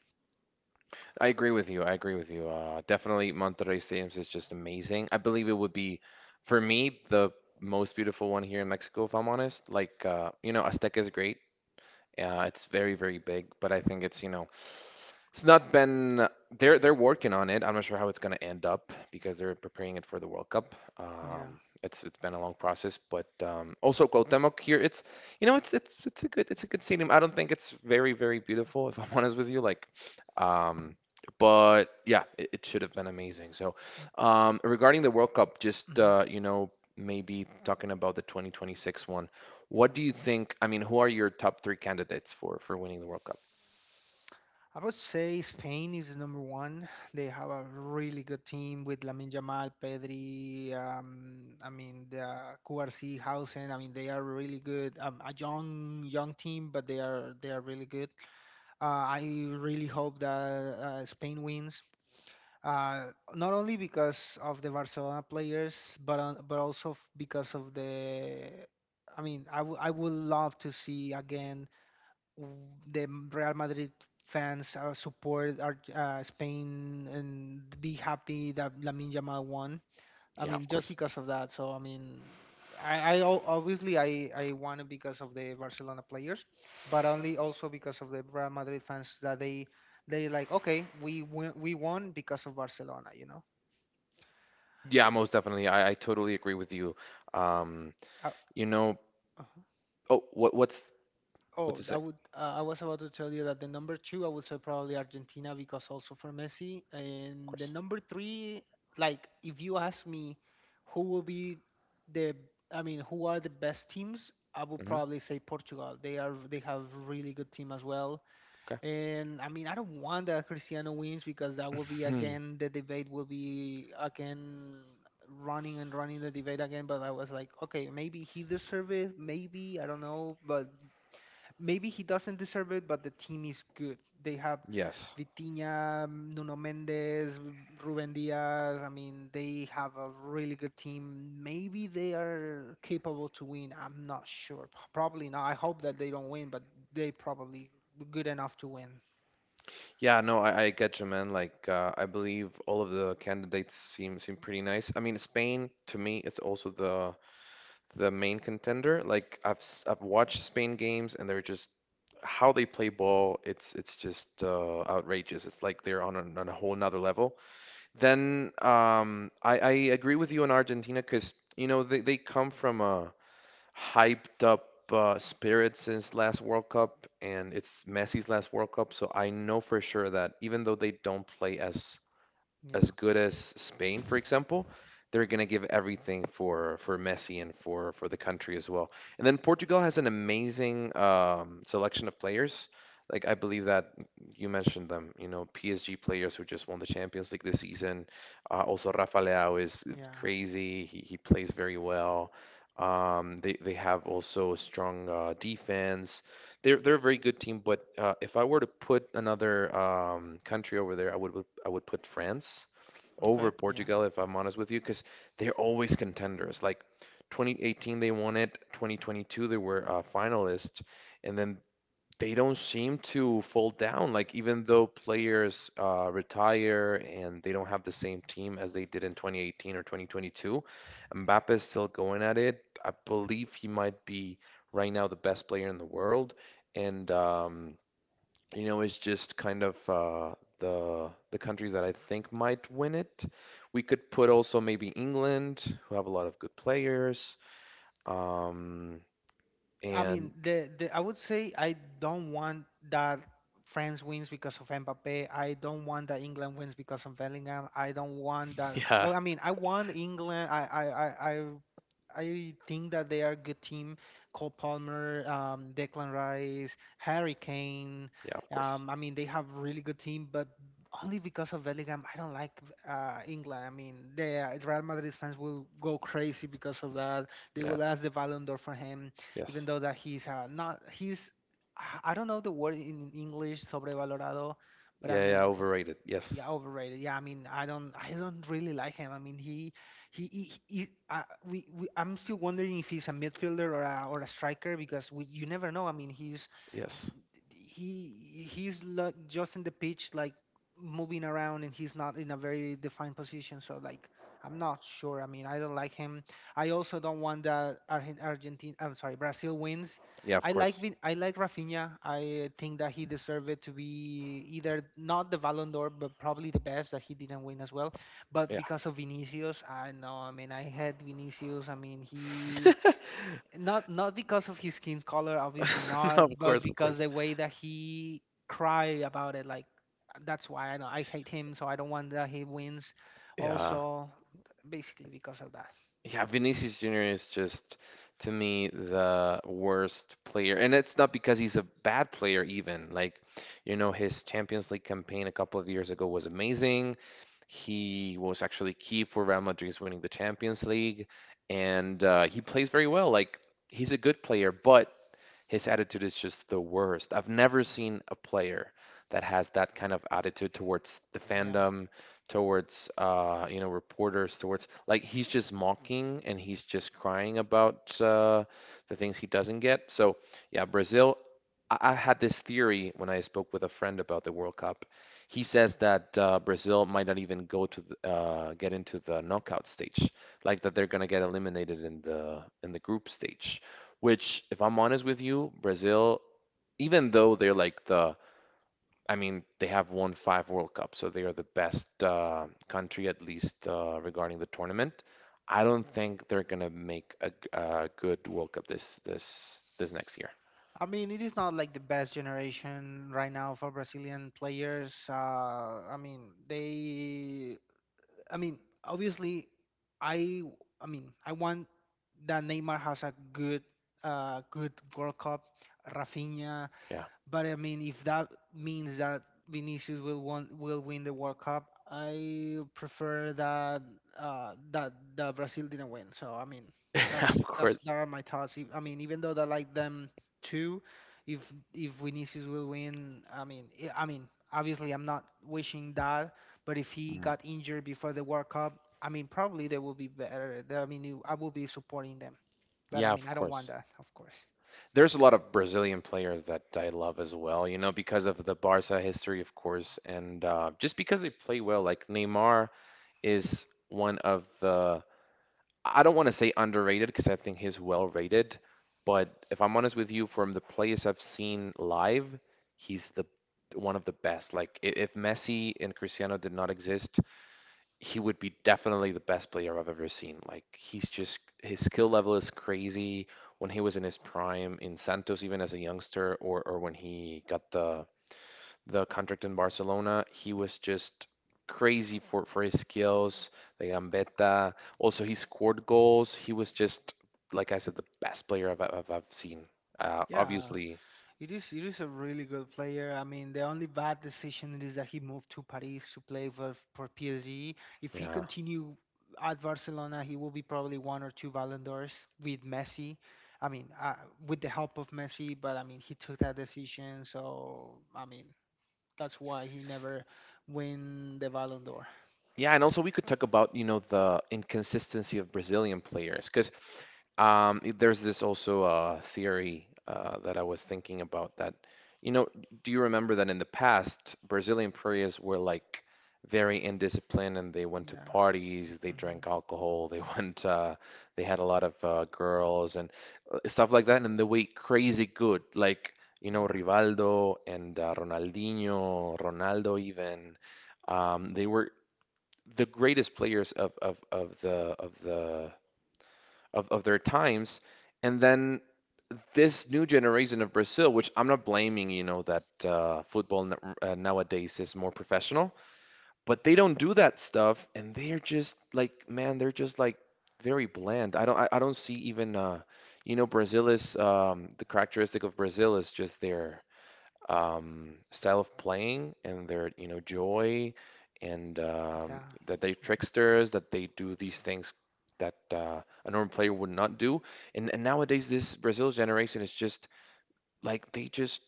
Speaker 1: I agree with you. I agree with you. Uh, definitely Monterrey Stadiums is just amazing. I believe it would be, for me, the most beautiful one here in Mexico, if I'm honest. Like, uh, you know, Azteca is great. Yeah, it's very, very big, but I think it's, you know, it's not been, they're they're working on it. I'm not sure how it's going to end up because they're preparing it for the World Cup.
Speaker 2: Yeah.
Speaker 1: Um, it's it's been a long process, but um, also Cuauhtémoc here, it's, you know it's it's it's a good, it's a good stadium. I don't think it's very very beautiful if I'm honest with you. Like, um, but yeah, it, it should have been amazing. So, um, regarding the World Cup, just
Speaker 2: Hmm.
Speaker 1: uh, you know, maybe talking about the twenty twenty-six one, what do you think? I mean, who are your top three candidates for for winning the World Cup?
Speaker 2: I would say Spain is the number one. They have a really good team with Lamine Yamal, Pedri. Um, I mean the Q R C Hausen. I mean they are really good. Um, a young young team, but they are they are really good. Uh, I really hope that uh, Spain wins, uh, not only because of the Barcelona players, but on, but also f- because of the. I mean, I wou- I would love to see again w- the M- Real Madrid fans uh, support our, uh, Spain and be happy that Lamine Yamal won. I
Speaker 1: Yeah,
Speaker 2: mean,
Speaker 1: of
Speaker 2: just
Speaker 1: course.
Speaker 2: because of that. So I mean, I, I al- obviously I I won it because of the Barcelona players, but only also because of the Real Madrid fans that they they like, okay, we win, we won because of Barcelona. You know.
Speaker 1: Yeah, most definitely. I, I totally agree with you. Um,
Speaker 2: Uh,
Speaker 1: you know, oh, what what's what
Speaker 2: Oh,
Speaker 1: to say?
Speaker 2: I
Speaker 1: Of
Speaker 2: would. Uh, I was about to tell you that the number two, I would say probably Argentina because also for Messi. And the
Speaker 1: course.
Speaker 2: number three, like if you ask me, who will be the? I mean, who are the best teams? I would
Speaker 1: Hmm
Speaker 2: probably say Portugal. They are. They have really good team as well.
Speaker 1: Okay.
Speaker 2: And I mean, I don't want that Cristiano wins because that will be
Speaker 1: Mhm.
Speaker 2: again the debate will be again running and running the debate again. But I was like, okay, maybe he deserves it. Maybe I don't know, but maybe he doesn't deserve it, but the team is good. They have
Speaker 1: Yes.
Speaker 2: Vitinha, Nuno Mendes, Ruben Diaz. I mean, they have a really good team. Maybe they are capable to win. I'm not sure. P- Probably not. I hope that they don't win, but they probably good enough to win.
Speaker 1: Yeah, no, I, I get you, man. Like, uh, I believe all of the candidates seem seem pretty nice. I mean, Spain to me is also the the main contender. Like, I've s- I've watched Spain games, and they're just how they play ball. It's it's just uh, outrageous. It's like they're on a, on a whole nother level. Then um, I, I agree with you on Argentina, because you know they, they come from a hyped up uh, spirit since last World Cup, and it's Messi's last World Cup, so I know for sure that, even though they don't play as as
Speaker 2: Yeah.
Speaker 1: good as Spain, for example, they're going to give everything for for Messi and for for the country as well. And then Portugal has an amazing um, selection of players. Like, I believe that, you mentioned them, you know, P S G players who just won the Champions League this season. Uh, also, Rafa Leao is
Speaker 2: Yeah.
Speaker 1: crazy. He he plays very well. Um, they they have also a strong uh, defense. They're they're a very good team, but uh, if I were to put another um, country over there, I would I would put France over
Speaker 2: Okay. Yeah.
Speaker 1: Portugal, if I'm honest with you, because they're always contenders. Like, twenty eighteen, they won it. twenty twenty-two, they were uh, finalists, and then they don't seem to fall down. Like, even though players uh, retire and they don't have the same team as they did in twenty eighteen or twenty twenty-two, Mbappe is still going at it. I believe he might be right now the best player in the world, and um, you know, is just kind of uh, the the countries that I think might win it. We could put also maybe England, who have a lot of good players. Um,
Speaker 2: I
Speaker 1: and
Speaker 2: mean, the, the I would say I don't want that France wins because of Mbappe. I don't want that England wins because of Bellingham. I don't want that.
Speaker 1: yeah,
Speaker 2: Well, I mean, I want England. I I I. I I think that they are a good team. Cole Palmer, um, Declan Rice, Harry Kane.
Speaker 1: yeah, of course.
Speaker 2: Um, I mean, they have really good team, but only because of Bellingham, I don't like uh, England. I mean, the Real Madrid fans will go crazy because of that. They
Speaker 1: Yeah,
Speaker 2: will ask the Ballon d'Or for him even
Speaker 1: yes.
Speaker 2: though that he's uh, not he's I I don't know the word in English sobrevalorado, but I
Speaker 1: Yeah, yeah,
Speaker 2: mean
Speaker 1: overrated. Yes,
Speaker 2: yeah overrated. Yeah, I mean I don't I don't really like him. I mean he he, he, he uh, we, we I'm still wondering if he's a midfielder or a, or a striker because we, you never know. I mean he's
Speaker 1: yes.
Speaker 2: he he's lo- just in the pitch like moving around and he's not in a very defined position, so like I'm not sure. I mean, I don't like him. I also don't want that Argentina, I'm sorry, Brazil wins.
Speaker 1: Yeah, of
Speaker 2: I like
Speaker 1: course.
Speaker 2: Vin- I like Rafinha. I think that he deserved it to be either not the Ballon d'Or but probably the best that he didn't win as well, but
Speaker 1: Yeah.
Speaker 2: because of Vinicius. I know, I mean, I had Vinicius, I mean he, not not because of his skin color, obviously
Speaker 1: No,
Speaker 2: not,
Speaker 1: of
Speaker 2: but
Speaker 1: course, of
Speaker 2: because
Speaker 1: course.
Speaker 2: the way that he cried about it, like that's why I know I hate him, so I don't want that he wins
Speaker 1: Yeah.
Speaker 2: also, basically because of that.
Speaker 1: Yeah, Vinicius Junior is just, to me, the worst player. And it's not because he's a bad player, even. Like, you know, his Champions League campaign a couple of years ago was amazing. He was actually key for Real Madrid's winning the Champions League. And uh, he plays very well. Like, he's a good player, but his attitude is just the worst. I've never seen a player that has that kind of attitude towards the
Speaker 2: Yeah,
Speaker 1: fandom, towards uh you know reporters, towards, like, he's just mocking and he's just crying about uh the things he doesn't get. So yeah, Brazil. I, I had this theory when I spoke with a friend about the World Cup. He says that uh, Brazil might not even go to the, uh get into the knockout stage, like that they're gonna get eliminated in the in the group stage, which, if I'm honest with you, Brazil, even though they're like the— I mean, they have won five World Cups, so they are the best uh, country, at least uh, regarding the tournament. I don't think they're gonna make a, g- a good World Cup this this this next year.
Speaker 2: I mean it is not like the best generation right now for Brazilian players. uh I mean they, I mean, obviously i i mean I want that Neymar has a good uh good World Cup, Rafinha.
Speaker 1: Yeah,
Speaker 2: But I mean, if that means that Vinicius will won will win the World Cup, I prefer that uh, that that Brazil didn't win. So I mean,
Speaker 1: of
Speaker 2: that's that's
Speaker 1: course.
Speaker 2: that are my thoughts. If- I mean, even though I like them too, if if Vinicius will win, I mean, I I mean, obviously I'm not wishing that. But if he
Speaker 1: Mm.
Speaker 2: got injured before the World Cup, I mean, probably they will be better. They- I mean, you- I will be supporting them. But I
Speaker 1: Yeah,
Speaker 2: mean,
Speaker 1: of
Speaker 2: I don't want
Speaker 1: course.
Speaker 2: that, of course.
Speaker 1: There's a lot of Brazilian players that I love as well, you know, because of the Barca history, of course, and uh, just because they play well. Like, Neymar is one of the— I don't want to say underrated, because I think he's well rated, but if I'm honest with you, from the players I've seen live, he's the one of the best. Like, i- if Messi and Cristiano did not exist, he would be definitely the best player I've ever seen. Like, he's just— his skill level is crazy. When he was in his prime in Santos, even as a youngster, or or when he got the the contract in Barcelona. He was just crazy for, for his skills, the gambeta. Also, he scored goals. He was just, like I said, the best player I've, I've, I've seen. Uh,
Speaker 2: Yeah.
Speaker 1: obviously,
Speaker 2: It is it is a really good player. I mean, the only bad decision is that he moved to Paris to play for for P S G. If he
Speaker 1: yeah.
Speaker 2: continue at Barcelona, he will be probably one or two Ballon d'Ors with Messi. I mean, uh, with the help of Messi, but I mean, he took that decision, so I mean, that's why he never win the Ballon d'Or.
Speaker 1: Yeah, and also we could talk about, you know, the inconsistency of Brazilian players. Because Um, i- there's this also uh, theory uh, that I was thinking about, that, you know, do you remember that in the past, Brazilian prairies were, like, very indisciplined, and they went to
Speaker 2: Yeah.
Speaker 1: parties, they
Speaker 2: Hmm.
Speaker 1: drank alcohol, they went, uh, they had a lot of uh, girls and uh, stuff like that, and they were crazy good, like, you know,
Speaker 2: Yeah.
Speaker 1: Rivaldo and uh, Ronaldinho, Ronaldo even, um, they were the greatest players of, of, of the of the of, of their times. And then this new generation of Brazil, which I'm not blaming, you know that uh, football n uh, nowadays is more professional, but they don't do that stuff, and they're just like, man, they're just like very bland. I don't, I, I don't see even, uh, you know, Brazil is um, the characteristic of Brazil is just their um, style of playing and their, you know, joy, and um,
Speaker 2: Yeah.
Speaker 1: that they tricksters, that they do these things that uh, a normal player would not do. And, and nowadays, this Brazil generation is just, like, they just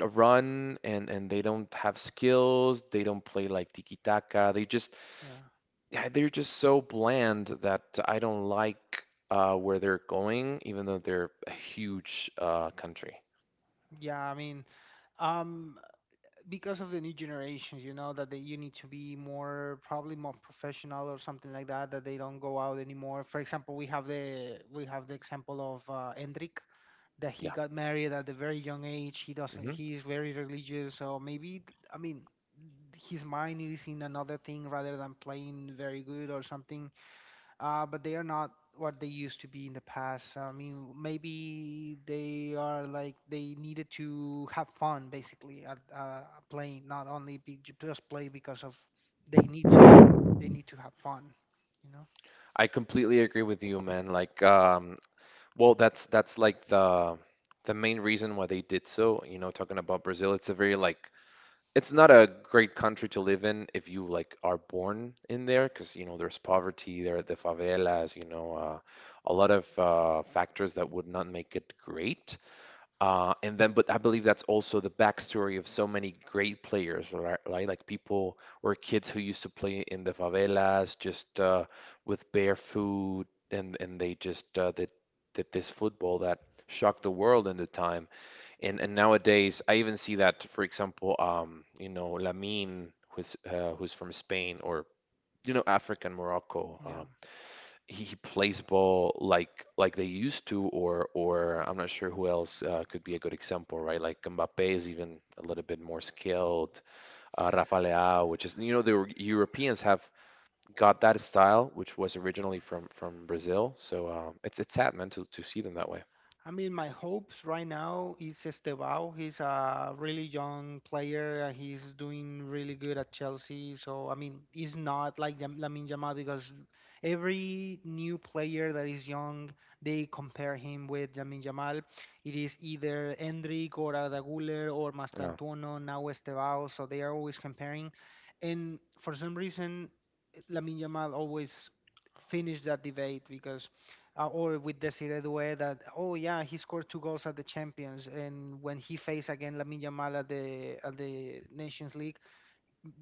Speaker 1: run, and, and they don't have skills. They don't play like tiki-taka. They just,
Speaker 2: Yeah.
Speaker 1: yeah, they're just so bland that I don't like uh, where they're going, even though they're a huge uh, country.
Speaker 2: Yeah. I mean, um, because of the new generations, you know, that they, you need to be more probably more professional or something like that. That they don't go out anymore. For example, we have the we have the example of uh, Endrick, that he
Speaker 1: Yeah.
Speaker 2: got married at a very young age. He doesn't.
Speaker 1: Mm-hmm.
Speaker 2: He is very religious. So maybe I mean his mind is in another thing rather than playing very good or something, uh, but they are not what they used to be in the past. I mean, maybe they are like they needed to have fun basically at uh, playing, not only be, ju- just play because of they need to. They need to have fun, you know?
Speaker 1: I completely agree with you, man. Like, um, well, that's— that's like the the main reason why they did so. You know, talking about Brazil, it's a very, like, it's not a great country to live in if you, like, are born in there, because you know there's poverty, there are the favelas, you know, uh, a lot of uh, factors that would not make it great. Uh, and then, but I believe that's also the backstory of so many great players, right? Right? Like, people or kids who used to play in the favelas, just uh, with bare food, and and they just uh, did did this football that shocked the world in the time. And and nowadays, I even see that, for example, um, you know, Lamine, who's uh, who's from Spain, or you know African Morocco,
Speaker 2: Yeah,
Speaker 1: uh, he, he plays ball like like they used to, or or I'm not sure who else uh, could be a good example, right? Like, Mbappe is even a little bit more skilled. Uh, Rafa Leao, which is, you know, the Europeans have got that style, which was originally from from Brazil. So um, it's it's sad, man, to to see them that way.
Speaker 2: I mean, my hopes right now is Estevao. He's a really young player. uh, He's doing really good at Chelsea. So, I mean, he's not like Lam- Lamine Yamal because every new player that is young, they compare him with Lamine Yamal. It is either Endrick or Arda Güler or
Speaker 1: Yeah,
Speaker 2: Mastantuono, now Estevao. So they are always comparing. And for some reason, Lamine Yamal always finished that debate because uh, or with Desiree Doué, that oh yeah, he scored two goals at the Champions, and when he faced again Lamine Yamal at the at the Nations League,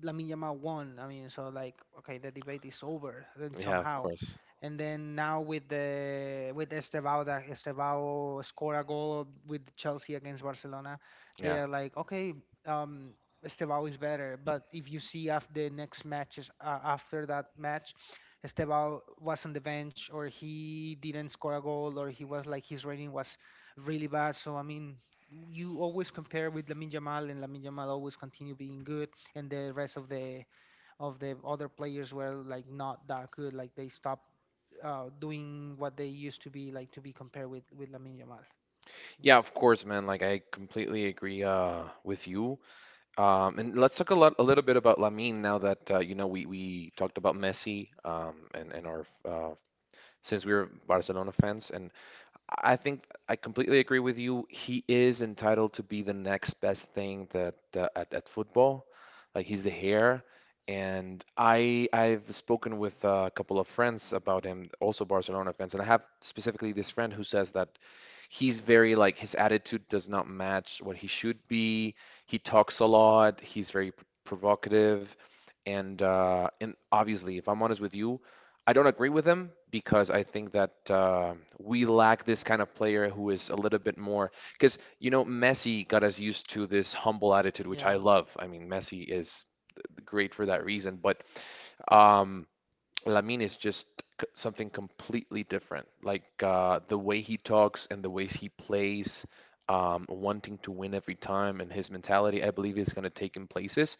Speaker 2: Lamine Yamal won. I mean, so like, okay, the debate is over then
Speaker 1: yeah, of
Speaker 2: somehow.
Speaker 1: course.
Speaker 2: And then now with the with Estevao, that Estevao scored a goal with Chelsea against Barcelona, they
Speaker 1: Yeah.
Speaker 2: are like, okay, um, Estevao is better. But if you see after the next matches, uh, after that match, Estevao was on the bench, or he didn't score a goal, or he was like his rating was really bad. So I mean, you always compare with Lamine Yamal, and Lamine Yamal always continue being good, and the rest of the of the other players were like not that good. Like they stopped uh, doing what they used to be, like to be compared with with Lamine Yamal. You
Speaker 1: Yeah,
Speaker 2: know?
Speaker 1: of course, man. Like, I completely agree uh with you. Um and let's talk a lot a little bit about Lamine, now that uh, you know we we talked about Messi, um and and our uh, since we are Barcelona fans, and I think I completely agree with you. He is entitled to be the next best thing that, uh, at, at football. Like, he's the hair, and I I've spoken with uh, a couple of friends about him, also Barcelona fans, and I have specifically this friend who says that he's very, like, his attitude does not match what he should be. He talks a lot. He's very p- provocative, and uh, and obviously, if I'm honest with you, I don't agree with him, because I think that uh, we lack this kind of player who is a little bit more. Because, you know, Messi got us used to this humble attitude, which I
Speaker 2: Yeah,
Speaker 1: love. I mean, Messi is great for that reason, but um, Lamine is just c- something completely different. Like, uh, the way he talks and the ways he plays, um, wanting to win every time, and his mentality, I believe, is going to take him places.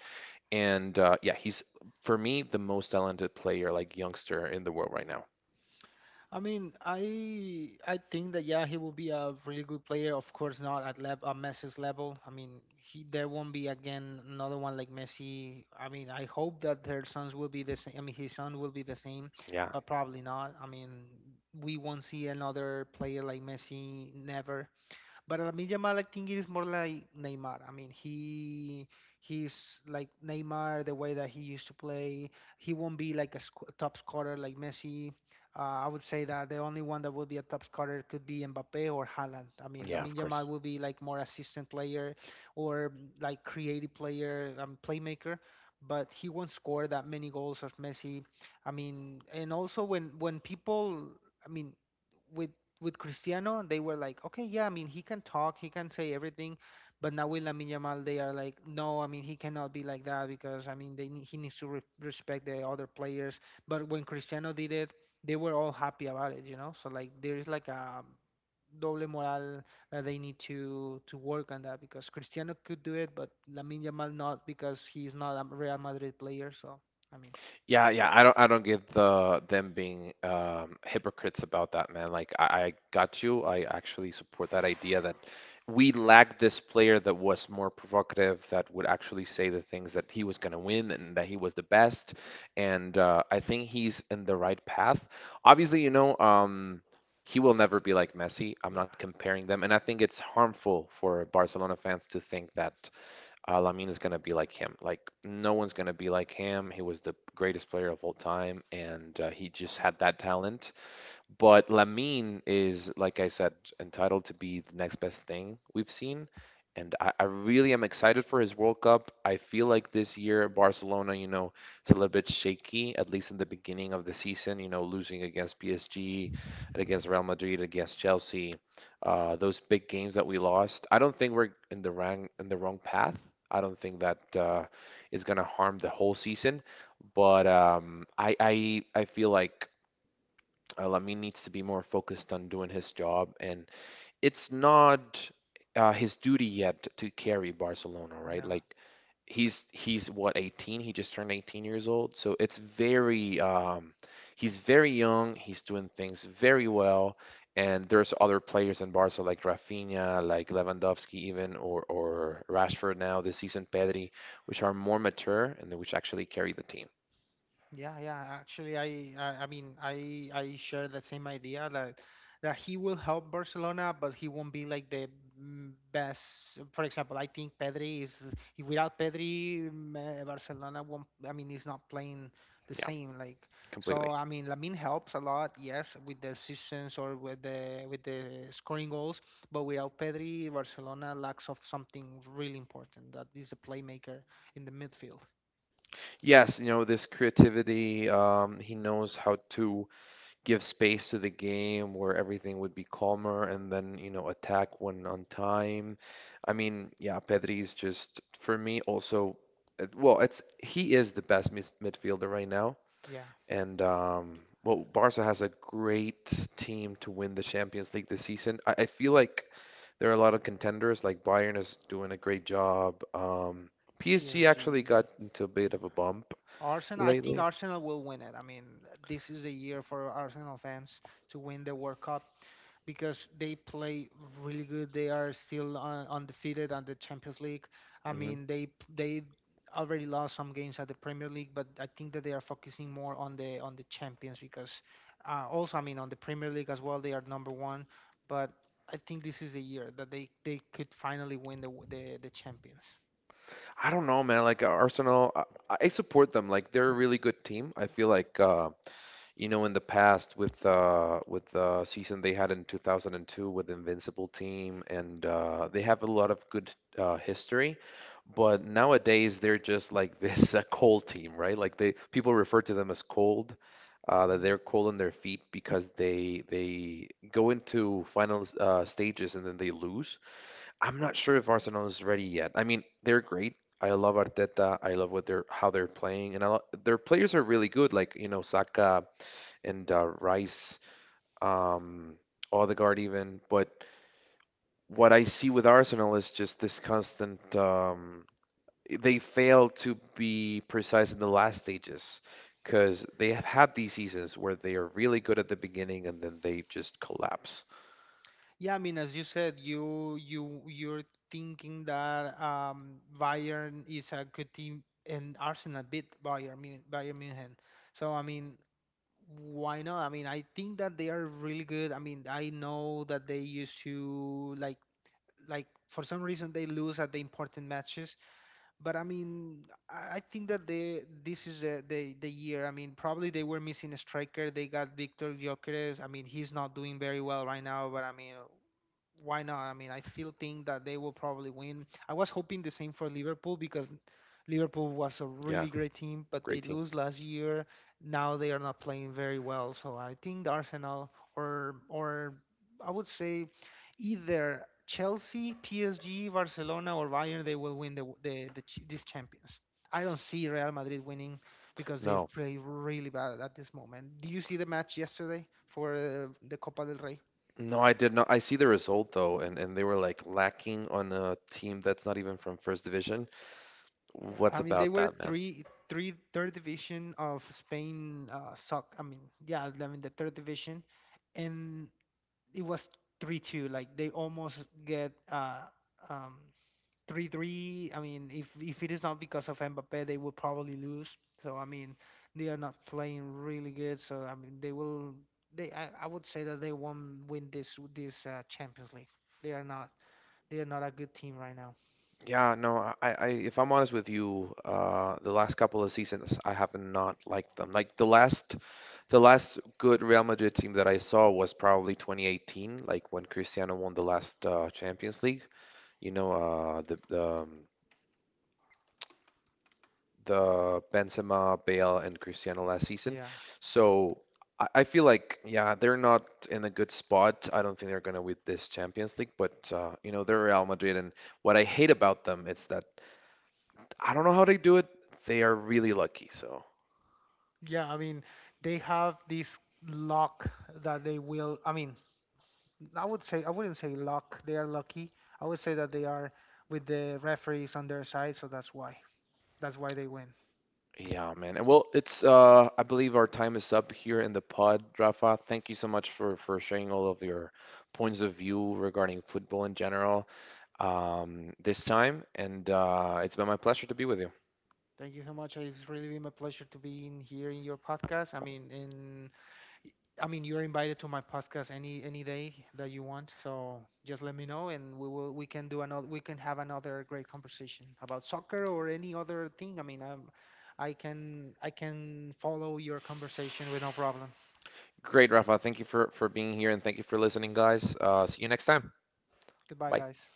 Speaker 1: And uh, yeah, he's, for me, the most talented player, like, youngster in the world right now.
Speaker 2: I mean, I I think that yeah, he will be a really good player. Of course, not at lev at Messi's level. I mean, he there won't be again another one like Messi. I mean, I hope that their sons will be the same. I mean, his son will be the same,
Speaker 1: Yeah,
Speaker 2: but probably not. I mean, we won't see another player like Messi. Never. But Lamine Yamal, I think it is more like Neymar. I mean, he he's like Neymar, the way that he used to play. He won't be like a sc- top scorer like Messi. Uh, I would say that the only one that would be a top scorer could be Mbappe or Haaland. I mean,
Speaker 1: yeah,
Speaker 2: Lamine
Speaker 1: of
Speaker 2: Yamal
Speaker 1: course.
Speaker 2: would be like more assistant player or mm, like creative player, um, playmaker. But he won't score that many goals as Messi. I mean, and also when when people, I mean, with with Cristiano, they were like, okay, yeah, I mean, he can talk, he can say everything, but now with Lamine Yamal, they are like, no, I mean, he cannot be like that because I mean, they need, he needs to re respect the other players. But when Cristiano did it, they were all happy about it, you know. So like, there is like a doble moral that they need to to work on that because Cristiano could do it, but Lamine Yamal not because he's not a Real Madrid player. So I mean,
Speaker 1: Yeah, yeah, I don't, I don't get the them being um, hypocrites about that, man. Like, I, I got you. I actually support that idea that we lacked this player that was more provocative, that would actually say the things that he was gonna win and that he was the best. And uh, I think he's in the right path. Obviously, you know, um, he will never be like Messi. I'm
Speaker 2: yeah,
Speaker 1: not comparing them, and I think it's harmful for Barcelona fans to think that uh, Lamine is going to be like him. Like, no one's going to be like him. He was the greatest player of all time, and uh, he just had that talent. But Lamine is, like I said, entitled to be the next best thing we've seen. And I, I really am excited for his World Cup. I feel like this year, Barcelona, you know, it's a little bit shaky, at least in the beginning of the season, you know, losing against P S G and against Real Madrid, against Chelsea, uh, those big games that we lost. I don't think we're in the wrong, in the wrong path. I don't think that uh, is going to harm the whole season. But um, I, I, I feel like uh, Lamin needs to be more focused on doing his job, and it's not uh, his duty yet to carry Barcelona, right?
Speaker 2: yeah.
Speaker 1: Like, he's he's what, eighteen? He just turned eighteen years old, so it's very um, he's very young. He's doing things very well, and there's other players in Barca like Rafinha, like Lewandowski even, or or Rashford now this season, Pedri, which are more mature and which actually carry the team.
Speaker 2: Yeah, yeah. Actually, I, I, I mean, I, I share the same idea that that he will help Barcelona, but he won't be like the mm, best. For example, I think Pedri is if without Pedri, mm, uh, Barcelona won't. I mean, he's not playing the
Speaker 1: Yeah,
Speaker 2: same. Like, so
Speaker 1: completely.
Speaker 2: I mean, Lamine helps a lot, yes, with the assists or with the with the scoring goals, but without Pedri, Barcelona lacks of something really important. That is a playmaker in the midfield.
Speaker 1: Yes, you know, this creativity, um, he knows how to give space to the game where everything would be calmer and then, you know, attack when on time. I mean, yeah, Pedri is just, for me, also, uh, well, it's he is the best mis- midfielder right now.
Speaker 2: Yeah,
Speaker 1: And, um, well, Barca has a great team to win the Champions League this season. I, I feel like there are a lot of contenders, like Bayern is doing a great job. Um, P S G actually
Speaker 2: P S G.
Speaker 1: got into a bit of a bump
Speaker 2: Arsenal, I think
Speaker 1: lately.
Speaker 2: Arsenal will win it. I mean, this is the year for Arsenal fans to win the World Cup because they play really good. They are still un- undefeated on the Champions League. I
Speaker 1: hmm
Speaker 2: mean, they they already lost some games at the Premier League, but I think that they are focusing more on the on the Champions because uh, also, I mean, on the Premier League as well, they are number one. But I think this is the year that they they could finally win the the, the Champions.
Speaker 1: I don't know, man. Like uh, Arsenal, I, I support them. Like they're a really good team. I feel like uh, you know in the past with uh, with the season they had in two thousand two with Invincible team, and uh, they have a lot of good uh, history. But nowadays they're just like this uh, cold team, right? Like they people refer to them as cold. Uh, that they're
Speaker 2: Yeah,
Speaker 1: cold on their feet because they they go into final uh, stages and then they lose. I'm not sure if Arsenal is ready yet. I mean, they're great. I love Arteta. I love what they're how they're playing, and I lo their players are really good. Like you know, Saka and uh, Rice, um, Odegaard even. But what I see with Arsenal is just this constant. Um, they fail to be precise in the last stages because they have had these seasons where they are really good at the beginning and then they just collapse.
Speaker 2: Yeah, I mean, as you said, you you you're thinking that um, Bayern is a good team, and Arsenal beat Bayern Mun- Bayern Munich. So I mean, why not? I mean, I think that they are really good. I mean, I know that they used to like like for some reason they lose at the important matches, but I mean, I I think that they this is the the, the year. I mean, probably they were missing a striker. They got Victor Gyökeres. I mean, he's not doing very well right now, but I mean why not? I mean, I still think that they will probably win. I was hoping the same for Liverpool because Liverpool was a
Speaker 1: Yeah,
Speaker 2: really great team, but they
Speaker 1: great team.
Speaker 2: lose last year. Now they are not playing very well. So I think Arsenal or or I would say either Chelsea, P S G, Barcelona or Bayern, they will win the the, the ch- these champions. I don't see Real Madrid winning because they
Speaker 1: No.
Speaker 2: play really bad at this moment. Do you see the match yesterday for uh, the Copa del Rey?
Speaker 1: No, I did not. I see the result though, and, and they were like lacking on a team that's not even from First Division.
Speaker 2: Yeah,
Speaker 1: What's
Speaker 2: I mean they
Speaker 1: about
Speaker 2: were
Speaker 1: that, man?
Speaker 2: three, three, third division of Spain. Uh, soc. I mean, yeah, I mean the third division, and it was three two. Like they almost get uh um three three. I mean, if if it is not because of Mbappe, they will probably lose. So I mean, they are not playing really good. So I mean, they will. They I, I would say that they won't win this this uh, Champions League. They are not. They are not a good team right now.
Speaker 1: Yeah, no, I, I if I'm honest with you, uh, the last couple of seasons I have not liked them. Like the last, the last good Real Madrid team that I saw was probably twenty eighteen, like when Cristiano won the last uh, Champions League. You know, uh, the the um, the Benzema, Bale, and Cristiano last season.
Speaker 2: Yeah,
Speaker 1: So I, I feel like, yeah, they're not in a good spot. I don't think they're gonna win this Champions League, but uh, you know, they're Real Madrid, and what I hate about them is that I don't know how they do it. They are really lucky. So
Speaker 2: Yeah, I mean, they have this luck that they will. I mean, I would say I wouldn't say luck. They are lucky. I would say that they are with the referees on their side, so that's why. That's why they win.
Speaker 1: yeah, man. And well, it's uh, I believe our time is up here in the pod, Rafa. Thank you so much for for sharing all of your points of view regarding football in general um, this time, and uh, it's been my pleasure to be with you.
Speaker 2: Thank you so much. It's really been my pleasure to be in here in your podcast. I mean, in I mean, you're invited to my podcast any any day that you want. So just let me know, and we will we can do another we can have another great conversation about soccer or any other thing. I mean, i I can I can follow your conversation with no problem.
Speaker 1: Great, Rafa. Thank you for for being here and thank you for listening, guys. Uh, see you next time.
Speaker 2: Goodbye,
Speaker 1: Bye.
Speaker 2: guys.